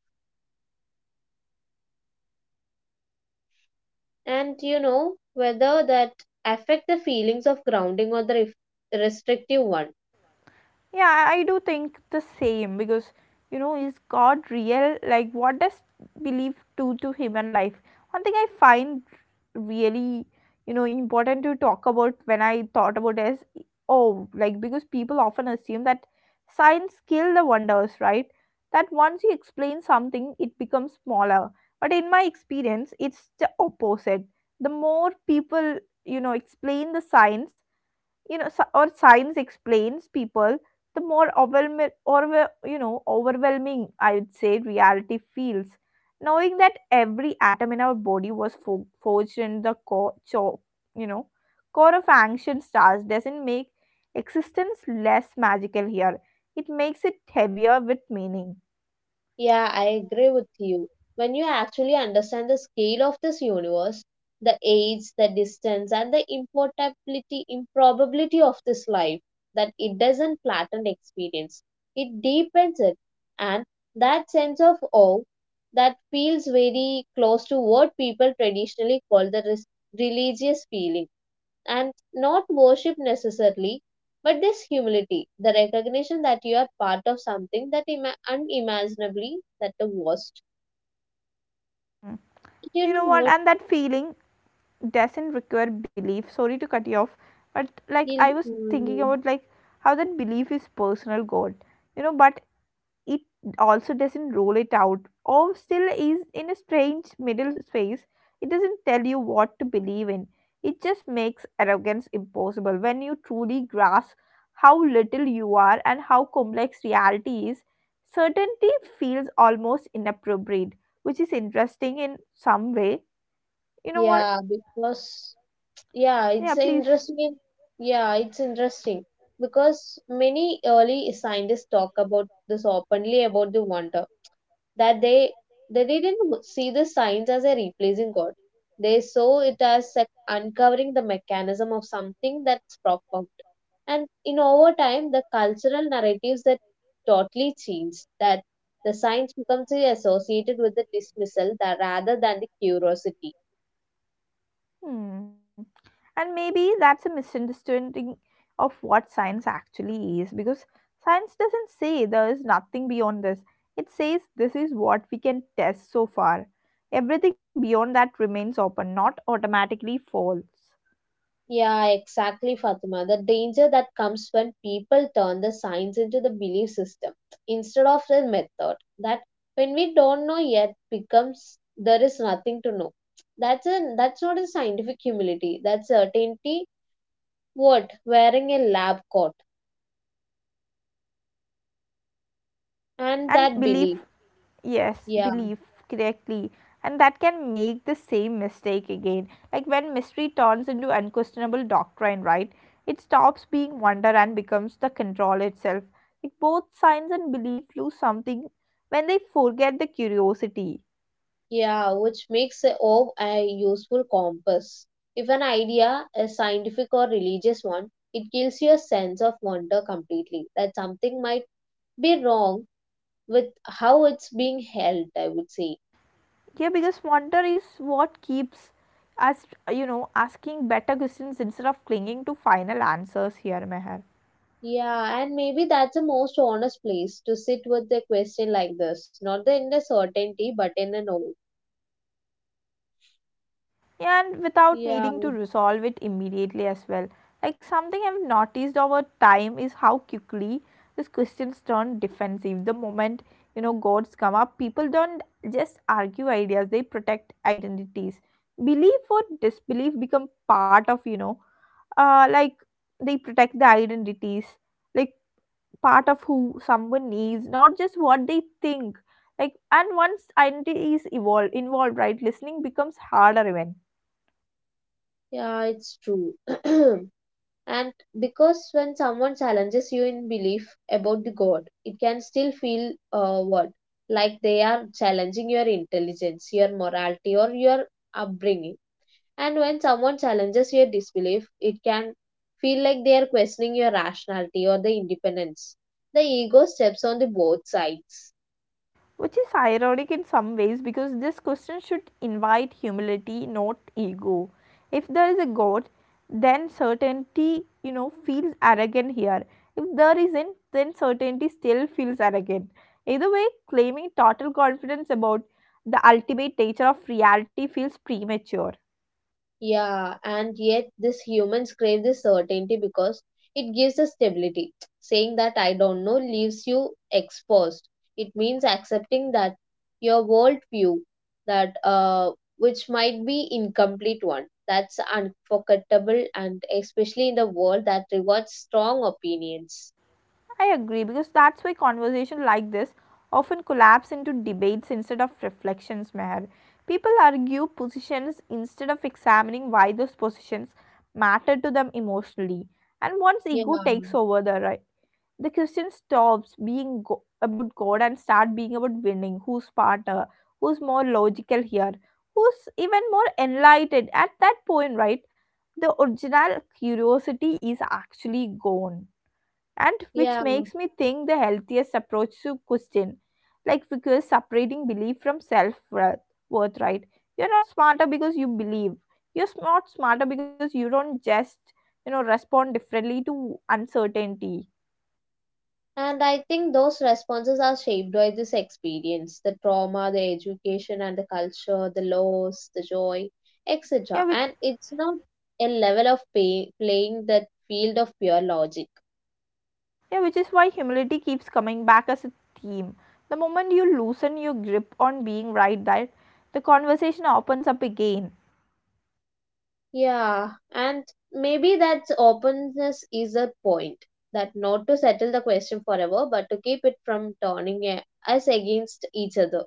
B: and you know whether that affect the feelings of grounding or the restrictive one.
A: Yeah, I do think the same because is God real? Like, what does belief do to human life? One thing I find really, important to talk about when I thought about is oh, like because people often assume that science kill the wonders, right? That once you explain something, it becomes smaller. But in my experience, it's the opposite. The more people, explain the science, sci- or science explains people, the more overwhelming or overwhelming I would say reality feels. Knowing that every atom in our body was forged in the core you know core of ancient stars doesn't make existence less magical here, it makes it heavier with meaning.
B: Yeah, I agree with you. When you actually understand the scale of this universe, the age, the distance, and the impossibility improbability of this life, that it doesn't flatten experience, it deepens it. And that sense of awe, that feels very close to what people traditionally call the religious feeling. And not worship necessarily, but this humility, the recognition that you are part of something that unimaginably that the worst.
A: Mm.
B: You
A: You
B: know
A: know what,
B: what?
A: and that feeling doesn't require belief. Sorry to cut you off, but I
B: You
A: was thinking
B: know,
A: about how that belief is personal god, but it also doesn't rule it out, or still is in a strange middle space. It doesn't tell you what to believe in, it just makes arrogance impossible. When you truly grasp how little you are and how complex reality is, certainty feels almost inappropriate, which is interesting in some way, you know what.
B: yeah, because yeah,
A: Yeah,
B: it's a
A: please.
B: interesting. Yeah, it's interesting because many early scientists talk about this openly about the wonder. That they didn't see the science as a replacing God. They saw it as uncovering the mechanism of something that's profound. And in over time, the cultural narratives that totally changed that the science becomes associated with the dismissal that rather than the curiosity.
A: Hmm. And maybe that's a misunderstanding of what science actually is, because science doesn't say there is nothing beyond this. It says this is what we can test so far. Everything beyond that remains open, not automatically false.
B: Yeah, exactly, Fatima. The danger that comes when people turn the science into the belief system instead of the method. That when we don't know yet becomes there is nothing to know. That's not a scientific humility. That's certainty what wearing a lab coat and
A: And
B: that
A: belief,
B: belief.
A: yes,
B: Yeah,
A: belief, correctly. And that can make the same mistake again, like when mystery turns into unquestionable doctrine, right? It stops being wonder and becomes the control itself. Like both science and belief lose something when they forget the curiosity.
B: yeah, which makes a O a useful compass. If an idea is scientific or religious one, it kills your sense of wonder completely that something might be wrong with how it's being held, I would say.
A: Yeah, because wonder is what keeps us, asking better questions instead of clinging to final answers here, Meher.
B: Yeah, and maybe that's the most honest place to sit with a question like this. Not in the certainty, but in the know.
A: Yeah, and without
B: Yeah,
A: needing to resolve it immediately as well. Like something I've noticed over time is how quickly these questions turn defensive. The moment, gods come up, people don't just argue ideas, they protect identities. Belief or disbelief become part of, uh, like they protect the identities, like part of who someone is, not just what they think. And once identity is evolved, involved, right, listening becomes harder even.
B: yeah, it's true. *clears throat* And because when someone challenges you in belief about the God, it can still feel what? like they are challenging your intelligence, your morality, or your upbringing. And when someone challenges your disbelief, it can feel like they are questioning your rationality or the independence. The ego steps on the both sides.
A: Which is ironic in some ways, because this question should invite humility, not ego. If there is a god, then certainty, feels arrogant here. If there isn't, then certainty still feels arrogant. Either way, claiming total confidence about the ultimate nature of reality feels premature.
B: Yeah, and yet this humans crave this certainty because it gives us stability. Saying that I don't know leaves you exposed. It means accepting that your worldview that which might be incomplete one. That's unforgettable and especially in the world that rewards strong opinions.
A: I agree, because that's why conversations like this often collapse into debates instead of reflections, Meher. People argue positions instead of examining why those positions matter to them emotionally. And once
B: Yeah,
A: ego takes over the right, the Christian stops being about God and start being about winning, who's smarter, who's more logical here, who's even more enlightened. At that point, right, the original curiosity is actually gone, and which
B: yeah.
A: makes me think the healthiest approach to question, because separating belief from self worth, right, you're not smarter because you believe, not smarter because you don't, just, respond differently to uncertainty.
B: And I think those responses are shaped by this experience, the trauma, the education, and the culture, the loss, the joy,
A: yeah
B: etc.
A: which
B: And it's not a level of playing that field of pure logic.
A: yeah, which is why humility keeps coming back as a theme. The moment you loosen your grip on being right, that the conversation opens up again.
B: Yeah, and maybe that openness is a point that not to settle the question forever, but to keep it from turning us against each other.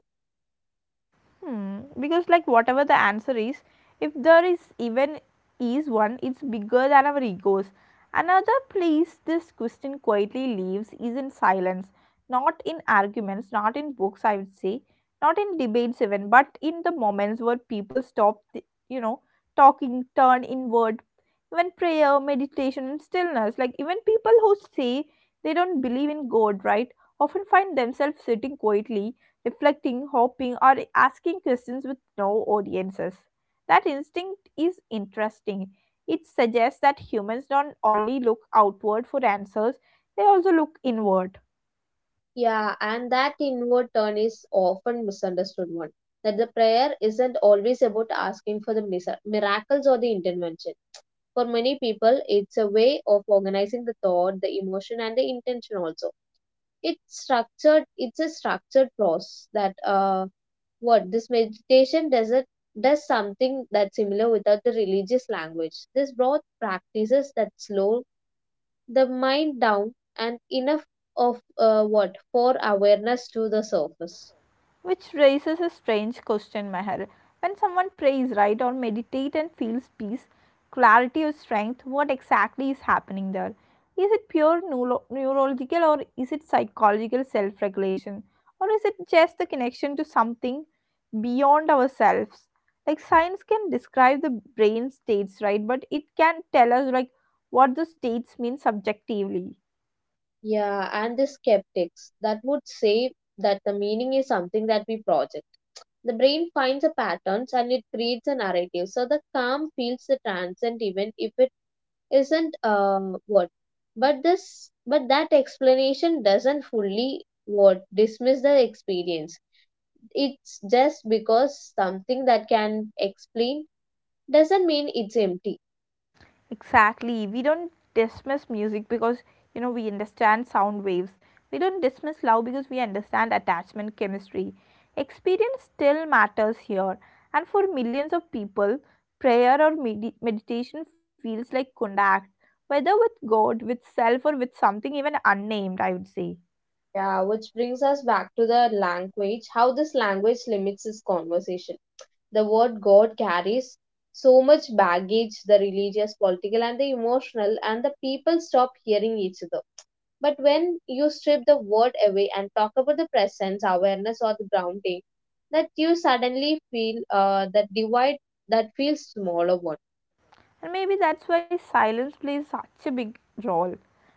A: Hmm. Because whatever the answer is, if there is even is one, it's bigger than our egos. Another place this question quietly leaves is in silence, not in arguments, not in books, I would say, not in debates even, but in the moments where people stop, talking, turn inward, even prayer, meditation, and stillness. Like even people who say they don't believe in God, right, often find themselves sitting quietly reflecting, hoping, or asking questions with no audiences. That instinct is interesting. It suggests that humans don't only look outward for answers, they also look inward.
B: Yeah, and that inward turn is often misunderstood one. That the prayer isn't always about asking for the miracles or the intervention. For many people, it's a way of organizing the thought, the emotion, and the intention also. It's structured. It's a structured process that what this meditation does it does something that's similar without the religious language. This broad practices that slow the mind down and enough of what for awareness to the surface.
A: Which raises a strange question, Meher. When someone prays, right, or meditate and feels peace, clarity, or strength, what exactly is happening there? Is it pure neurological, or is it psychological self regulation? Or is it just the connection to something beyond ourselves? Like science can describe the brain states, right, but it can tell us like what the states mean subjectively.
B: Yeah, and the skeptics that would say that the meaning is something that we project, the brain finds a patterns and it creates a narrative so the calm feels the transient even if it isn't what but this but that explanation doesn't fully what dismiss the experience, it's just because something that can explain doesn't mean it's empty.
A: Exactly. We don't dismiss music because we understand sound waves. We don't dismiss love because we understand attachment chemistry. Experience still matters here, and for millions of people, prayer or meditation feels like contact, whether with God, with self, or with something even unnamed, I would say.
B: Yeah, which brings us back to the language, how this language limits this conversation. The word God carries so much baggage, the religious, political, and the emotional, and the people stop hearing each other. But when you strip the word away and talk about the presence, awareness, or the grounding, that you suddenly feel that divide that feels smaller one.
A: And maybe that's why silence plays such a big role.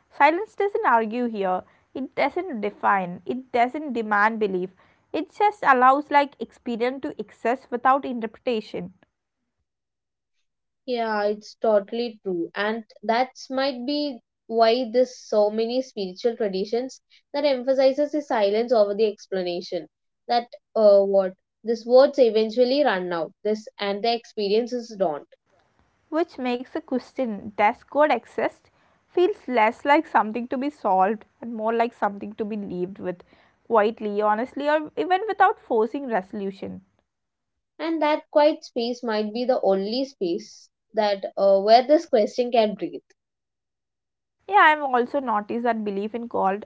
A: Silence doesn't argue here, it doesn't define, it doesn't demand belief. It just allows like experience to exist without interpretation,
B: Yeah, it's totally true. And that's might be why there's so many spiritual traditions that emphasizes the silence over the explanation. That what these words eventually run out, this and the experiences don't.
A: which makes the question does God exist feels less like something to be solved and more like something to be lived with quietly, honestly, or even without forcing resolution.
B: And that quiet space might be the only space that where this question can breathe.
A: Yeah, I've also noticed that belief in God,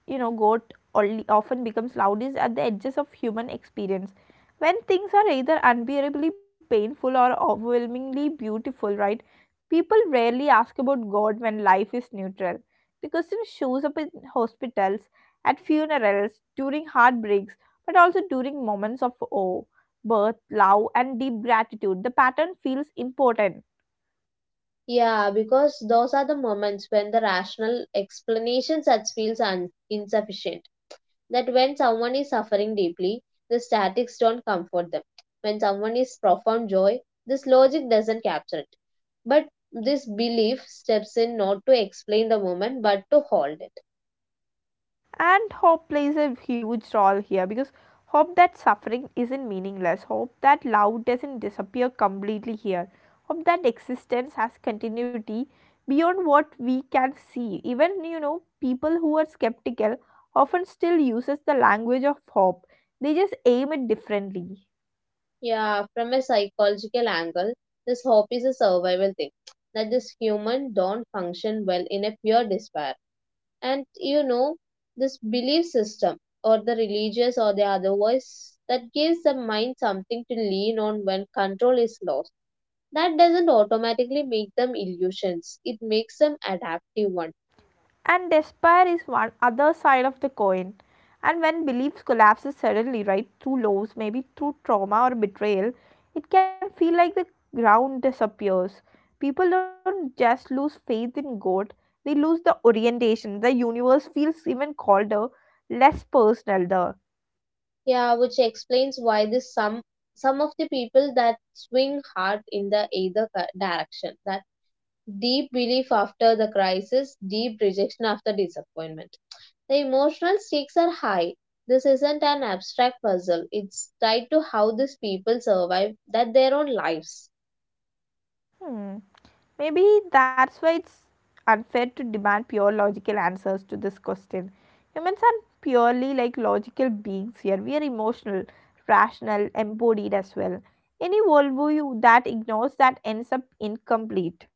A: you know, God only often becomes loudest at the edges of human experience. When things are either unbearably painful or overwhelmingly beautiful, right? People rarely ask about God when life is neutral. The question shows up in hospitals, at funerals, during heartbreaks, but also during moments of awe, birth, love, and deep gratitude. The pattern feels important.
B: Yeah, because those are the moments when the rational explanations that feels insufficient, that when someone is suffering deeply, the statics don't comfort them. When someone is profound joy, this logic doesn't capture it. But this belief steps in not to explain the moment but to hold it.
A: And hope plays a huge role here, because hope that suffering isn't meaningless, hope that love doesn't disappear completely here, hope that existence has continuity beyond what we can see. Even, people who are skeptical often still uses the language of hope, they just aim it differently.
B: Yeah, from a psychological angle, this hope is a survival thing. That this human don't function well in a pure despair. And you know, this belief system or the religious or the other voice that gives the mind something to lean on when control is lost, that doesn't automatically make them illusions. It makes them adaptive one.
A: And despair is one other side of the coin, and when beliefs collapses suddenly, right, through lows, maybe through trauma or betrayal, it can feel like the ground disappears. People don't just lose faith in god, they lose the orientation. The universe feels even colder, less personal. The.
B: Yeah, which explains why this some of the people that swing hard in the either direction. That deep belief after the crisis, deep rejection after disappointment. The emotional stakes are high. This isn't an abstract puzzle. It's tied to how these people survive that their own lives.
A: Hmm. Maybe that's why it's unfair to demand pure logical answers to this question. Humans are purely like logical beings here. We are emotional, rational, embodied as well. Any worldview that ignores that ends up incomplete.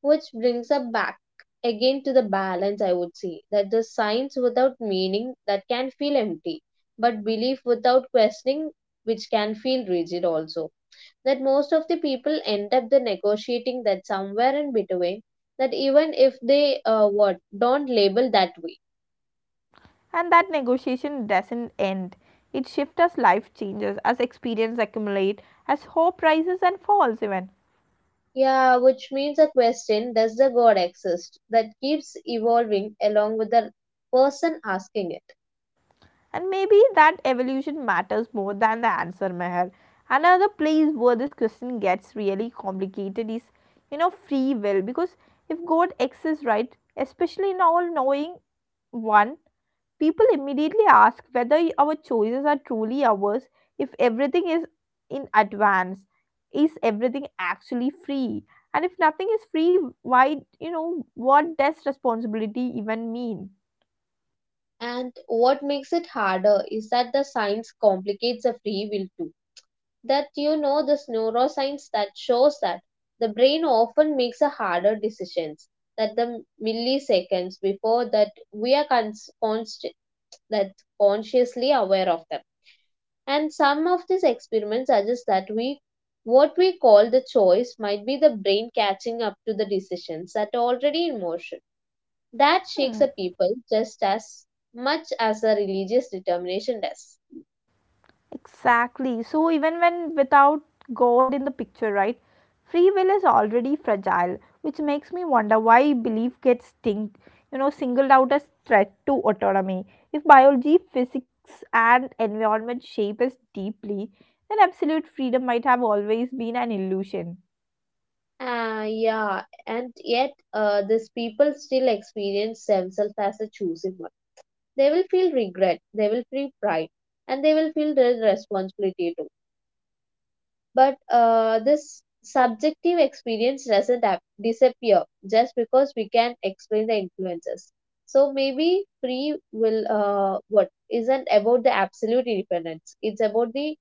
B: Which brings us back again to the balance, I would say, that the science without meaning that can feel empty, but belief without questioning, which can feel rigid also. That most of the people end up the negotiating that somewhere in between, that even if they what don't label that way.
A: And that negotiation doesn't end. It shifts as life changes, as experience accumulate, as hope rises and falls even.
B: Yeah, which means a question does the God exist that keeps evolving along with the person asking it.
A: And maybe that evolution matters more than the answer, Meher. Another place where this question gets really complicated is, free will. Because if God exists, right, especially in all knowing one, people immediately ask whether our choices are truly ours if everything is in advance. Is everything actually free? And if nothing is free, why, what does responsibility even mean?
B: And what makes it harder is that the science complicates the free will too. That you know this neuroscience that shows that the brain often makes a harder decisions that the milliseconds before that we are cons- const- that consciously aware of them. And some of these experiments suggest that we what we call the choice might be the brain catching up to the decisions that are already in motion. That shakes
A: Hmm.
B: a people just as much as a religious determination does.
A: Exactly. So, even when without God in the picture, right, free will is already fragile, which makes me wonder why belief gets singled out as threat to autonomy. If biology, physics, and environment shape us deeply, then absolute freedom might have always been an illusion.
B: Ah, yeah, and yet these people still experience themselves as a choosing one. They will feel regret, they will feel pride, and they will feel their responsibility too. But this subjective experience doesn't disappear just because we can explain the influences. So maybe free will what isn't about the absolute independence. It's about the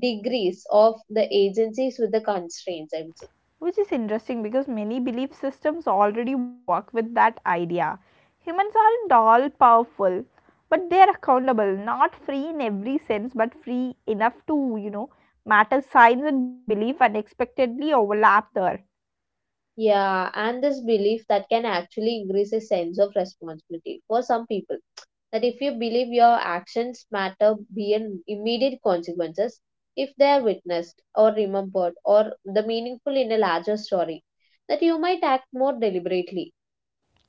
B: degrees of the agencies with the constraints, I would say.
A: Which is interesting because many belief systems already work with that idea. Humans aren't all powerful, but they are accountable, not free in every sense, but free enough to, matter. Science and belief unexpectedly overlap there.
B: Yeah, and this belief that can actually increase a sense of responsibility for some people. That if you believe your actions matter beyond immediate consequences, if they are witnessed or remembered or the meaningful in a larger story, that you might act more deliberately.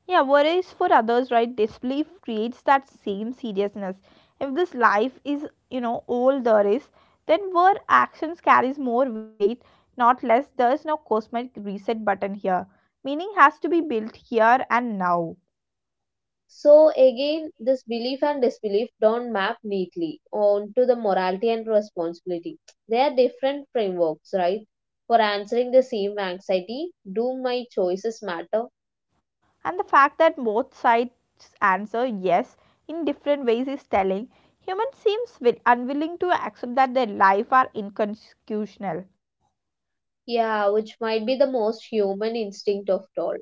A: Yeah, whereas for others, right, disbelief creates that same seriousness. If this life is, all there is, then where actions carries more weight, not less. There is no cosmetic reset button here. Meaning has to be built here and now.
B: So again, this belief and disbelief don't map neatly onto the morality and responsibility. They are different frameworks, right? For answering the same anxiety, do my choices matter?
A: And the fact that both sides answer yes in different ways is telling. Humans seems will, unwilling to accept that their life are inconsequential.
B: Yeah, which might be the most human instinct of all.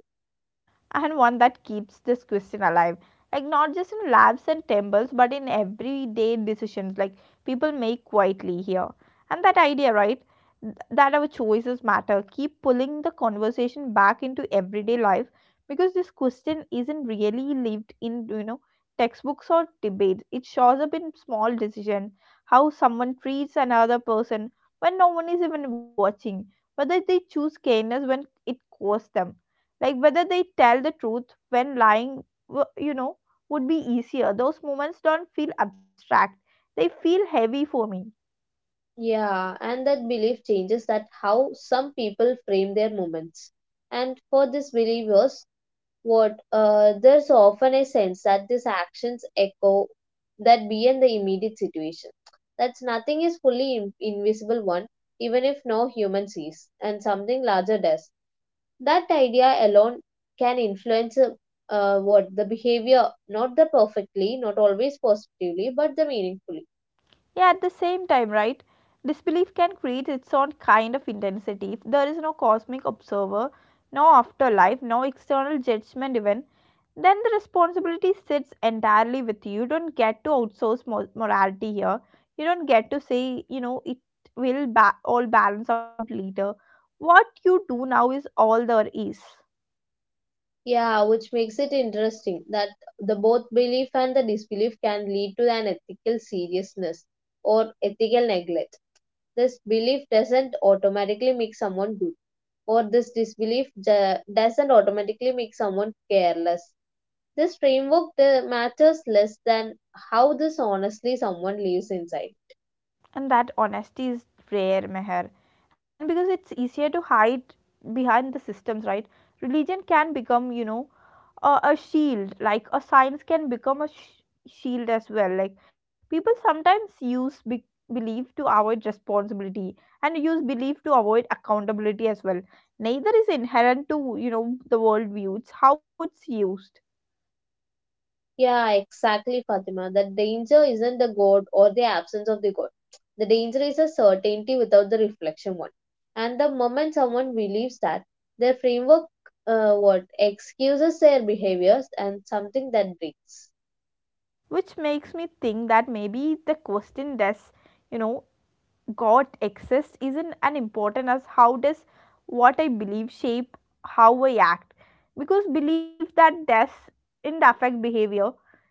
A: And one that keeps this question alive, like not just in labs and temples but in everyday decisions like people make quietly here. And that idea, right, that our choices matter keep pulling the conversation back into everyday life, because this question isn't really lived in, textbooks or debates. It shows up in small decision how someone treats another person when no one is even watching, whether they choose kindness when it costs them, like whether they tell the truth when lying w- you know would be easier. Those moments don't feel abstract, they feel heavy for me.
B: Yeah, and that belief changes that how some people frame their moments. And for these believers, what there's often a sense that these actions echo that beyond the immediate situation, that nothing is fully invisible one, even if no human sees and something larger does. That idea alone can influence what the behavior, not the perfectly, not always positively, but the meaningfully.
A: Yeah, at the same time, right, disbelief can create its own kind of intensity. If there is no cosmic observer, no afterlife, no external judgment, even then the responsibility sits entirely with you. You don't get to outsource morality here. You don't get to say, it will all balance out later. What you do now is all there is.
B: Yeah, which makes it interesting that the both belief and the disbelief can lead to an ethical seriousness or ethical neglect. This belief doesn't automatically make someone good, or this disbelief doesn't automatically make someone careless. This framework matters less than how this honestly someone lives inside.
A: And that honesty is rare, Meher. And because it's easier to hide behind the systems, right? Religion can become, a shield, like a science can become a shield as well. Like, people sometimes use belief to avoid responsibility, and use belief to avoid accountability as well. Neither is inherent to, the worldview; it's how it's used.
B: Yeah, exactly, Fatima. The danger isn't the God or the absence of the God. The danger is a certainty without the reflection one. And the moment someone believes that, their framework what excuses their behaviors and something that breaks.
A: Which makes me think that maybe the question, does you know God exists, isn't as important as how does what I believe shape how I act. Because belief that doesn't affect behavior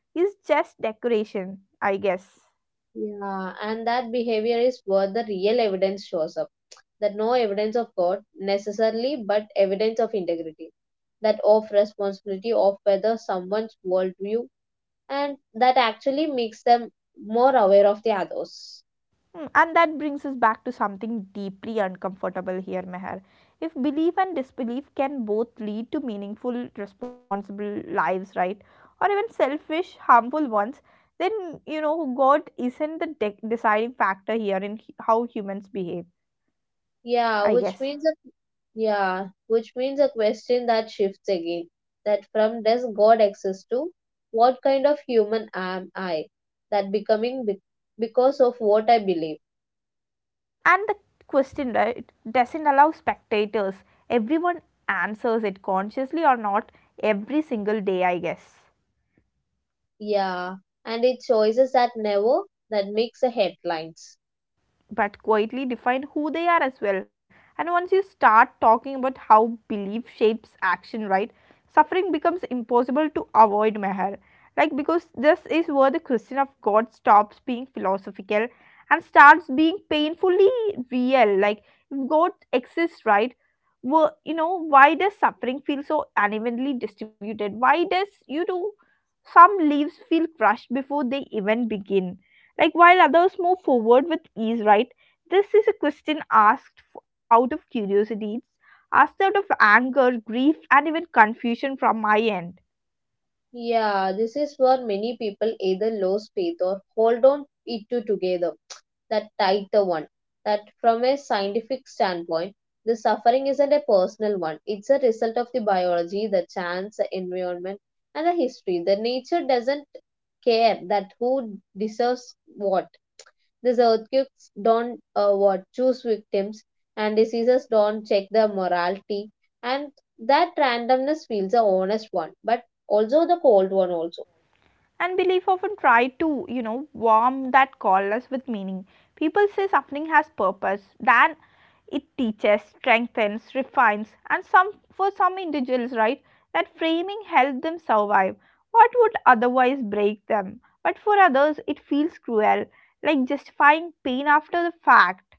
A: is just decoration, I guess.
B: Yeah, and that behavior is what the real evidence shows up. That no evidence of God necessarily, but evidence of integrity, that of responsibility, of whether someone's worldview, and that actually makes them more aware of the others.
A: Hmm. And that brings us back to something deeply uncomfortable here, Meher. If belief and disbelief can both lead to meaningful, responsible lives, right? Or even selfish, harmful ones, then, you know, God isn't the deciding factor here in how humans behave, I
B: Yeah,
A: guess.
B: which means that yeah, which means a question that shifts again. That from does God exist to what kind of human am I? That becoming because of what I believe.
A: And the question, right, doesn't allow spectators. Everyone answers it, consciously or not, every single day, I guess.
B: Yeah, and it choices that never that makes the headlines.
A: But quietly define who they are as well. And once you start talking about how belief shapes action, right, suffering becomes impossible to avoid, Meher. Like, because this is where the question of God stops being philosophical and starts being painfully real. Like, if God exists, right, well, you know, why does suffering feel so unevenly distributed? Why does, you know, some leaves feel crushed before they even begin, like while others move forward with ease, right? This is a question asked out of curiosity, it's asked out of anger, grief and even confusion from my end.
B: Yeah, this is where many people either lose faith or hold on it to together. *tsk* That tighter one. That from a scientific standpoint, the suffering isn't a personal one. It's a result of the biology, the chance, the environment, and the history. The nature doesn't care that who deserves what. These earthquakes don't what choose victims, and diseases don't check the morality, and that randomness feels the honest one, but also the cold one also.
A: And belief often try to, you know, warm that coldness with meaning. People say suffering has purpose, then it teaches, strengthens, refines, and some, for some individuals, right, that framing helped them survive what would otherwise break them. But for others, it feels cruel, like justifying pain after the fact.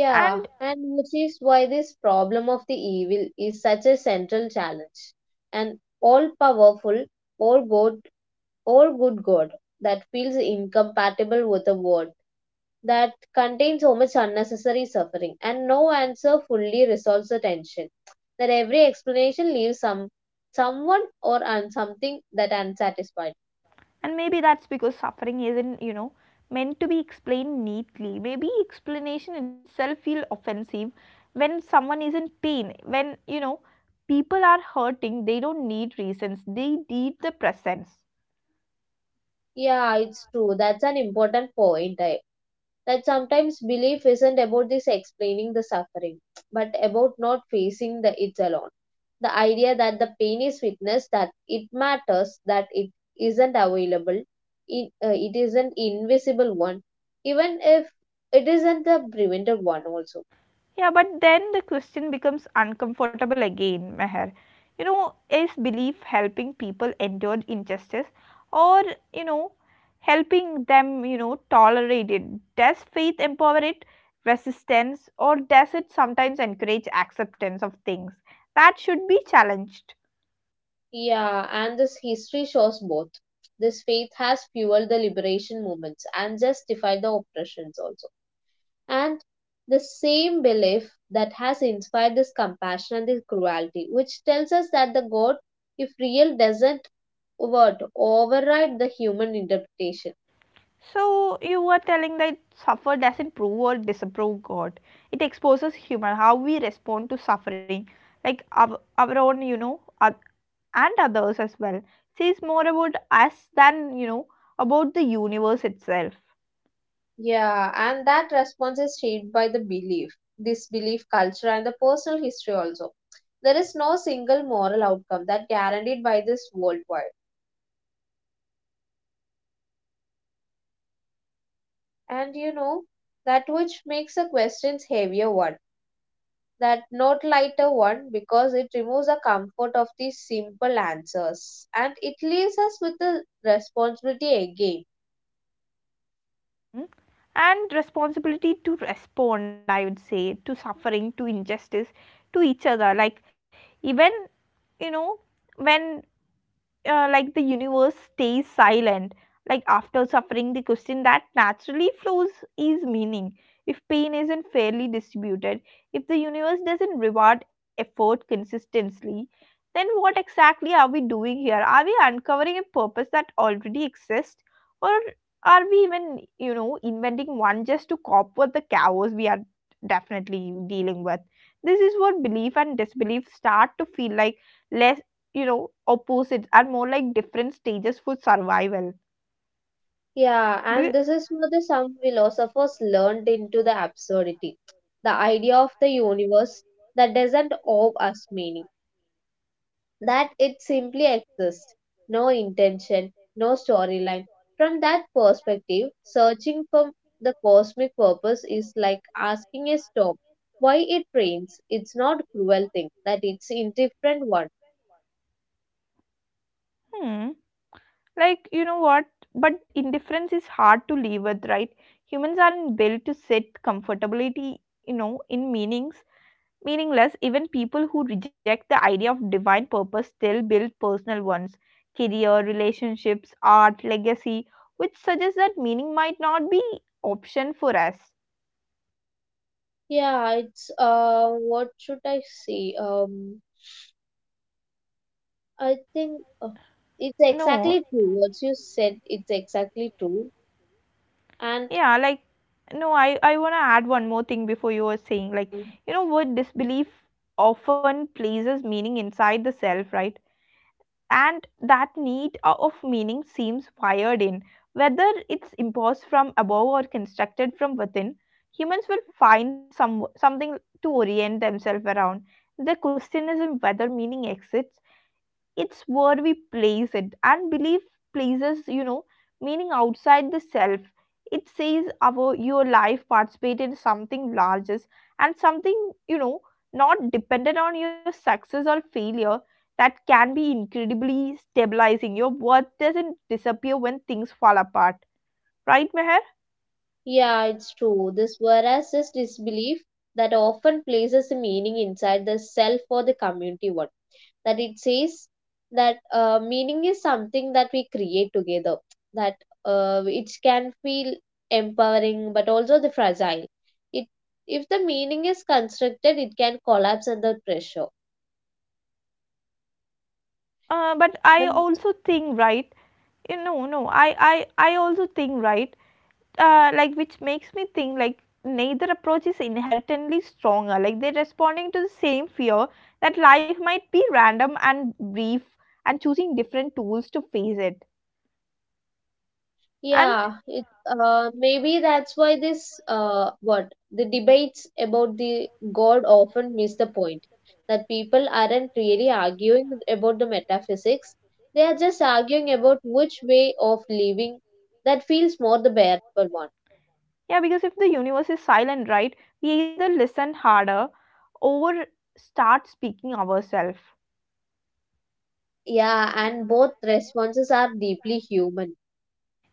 A: And
B: and which is why this problem of the evil is such a central challenge. An all-powerful, all-good, all-good God that feels incompatible with the world that contain so much unnecessary suffering, and no answer fully resolves the tension. That every explanation leaves someone or something that unsatisfied.
A: and maybe that's because suffering isn't, you know, meant to be explained neatly. Maybe explanation itself feel offensive. When someone is in pain, when, you know, people are hurting, they don't need reasons, they need the presence.
B: Yeah, it's true. That's an important point. That sometimes belief isn't about this explaining the suffering, but about not facing the it alone. The idea that the pain is witnessed, that it matters, that it isn't available, it is an invisible one, even if it isn't the prevented one also.
A: Yeah, but then the question becomes uncomfortable again, Meher. You know, is belief helping people endure injustice, or, you know, helping them, you know, tolerate it? Does faith empower it, resistance, or does it sometimes encourage acceptance of things that should be challenged?
B: Yeah, and this history shows both. This faith has fueled the liberation movements and justified the oppressions also. And the same belief that has inspired this compassion and this cruelty, which tells us that the God, if real, doesn't what override the human interpretation.
A: So, you were telling that suffer doesn't prove or disapprove God. It exposes human, how we respond to suffering, like our own, you know, and others as well, says more about us than, you know, about the universe itself.
B: Yeah, and that response is shaped by the belief, disbelief culture, and the personal history also. There is no single moral outcome that guaranteed by this worldwide. And you know, that which makes the questions heavier one, that not lighter one, because it removes the comfort of these simple answers and it leaves us with the responsibility again.
A: Mm. And responsibility to respond, I would say, to suffering, to injustice, to each other, like, even, you know, when, like the universe stays silent, like after suffering, the question that naturally flows is meaning. If pain isn't fairly distributed, if the universe doesn't reward effort consistently, then what exactly are we doing here? Are we uncovering a purpose that already exists, or are we even, you know, inventing one just to cope with the chaos we are definitely dealing with? This is what belief and disbelief start to feel like, less, you know, opposites are more like different stages for survival.
B: Yeah,
A: Do you?
B: and this is what the some philosophers learned into the absurdity. The idea of the universe that doesn't owe us meaning, that it simply exists. No intention, no storyline. From that perspective, searching for the cosmic purpose is like asking a storm why it rains. It's not cruel thing that it's indifferent one.
A: Hmm. Like, you know what? But indifference is hard to live with, right? Humans aren't built to sit comfortably, you know, in meanings, meaningless. Even people who reject the idea of divine purpose still build personal ones: career, relationships, art, legacy, which suggests that meaning might not be option for us.
B: Yeah, it's what should I say? I think it's
A: No.
B: exactly true. What you said, it's exactly true. And
A: Yeah, like, no, I want to add one more thing. Before you were saying, like, you know what, disbelief often places meaning inside the self, right? And that need of meaning seems wired in, whether it's imposed from above or constructed from within. Humans will find something to orient themselves around. The question is in whether meaning exists, it's where we place it. And belief places, you know, meaning outside the self. It says our, your life participated in something larger, and something, you know, not dependent on your success or failure. That can be incredibly stabilizing. Your worth doesn't disappear when things fall apart, right, Meher?
B: yeah, it's true. This voracious disbelief that often places a meaning inside the self or the community one. That it says that meaning is something that we create together. That it can feel empowering, but also the fragile. It if the meaning is constructed, it can collapse under pressure.
A: But I also think, right, you know, no I I also think, right, like, which makes me think like neither approach is inherently stronger. Like, they're responding to the same fear that life might be random and brief, and choosing different tools to face it. And
B: Yeah, it maybe that's why this what the debates about the God often miss the point, that people aren't really arguing about the metaphysics. They are just arguing about which way of living that feels more the bearable one.
A: yeah, because if the universe is silent, right, we either listen harder or start speaking ourselves.
B: Yeah, and both responses are deeply human.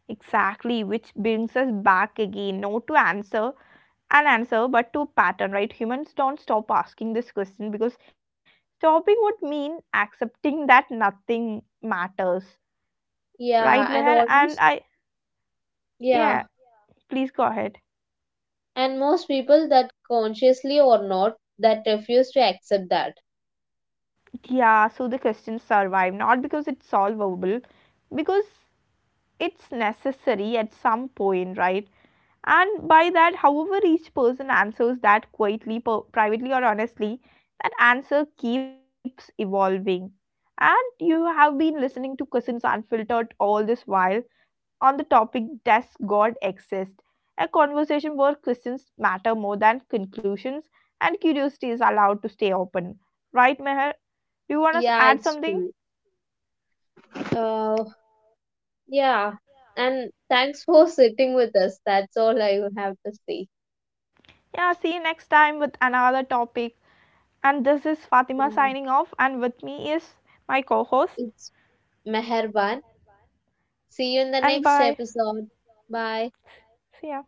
A: Exactly, which brings us back again, no, to answer, an answer, but to pattern, right? Humans don't stop asking this question because stopping would mean accepting that nothing matters. Right,
B: Yeah, and
A: Meher? And
B: almost
A: I,
B: yeah,
A: yeah, please go ahead.
B: and most people that consciously or not that refuse to accept that.
A: Yeah, so the question survive, not because it's solvable, because it's necessary at some point, right? And by that, however, each person answers that quietly, privately, or honestly, that answer keeps evolving. And you have been listening to Cousins Unfiltered all this while, on the topic, Does God Exist? A conversation where questions matter more than conclusions and curiosity is allowed to stay open. Right, Meher? Do you want to
B: Yeah,
A: add
B: it's
A: something?
B: true. Uh, Yeah, and thanks for sitting with us. That's all I have to say.
A: Yeah, see you next time with another topic. And this is Fatima
B: Yeah.
A: signing off, and with me is my co host.
B: It's Meherban. See you in the
A: And
B: next
A: bye.
B: episode. Bye.
A: See ya.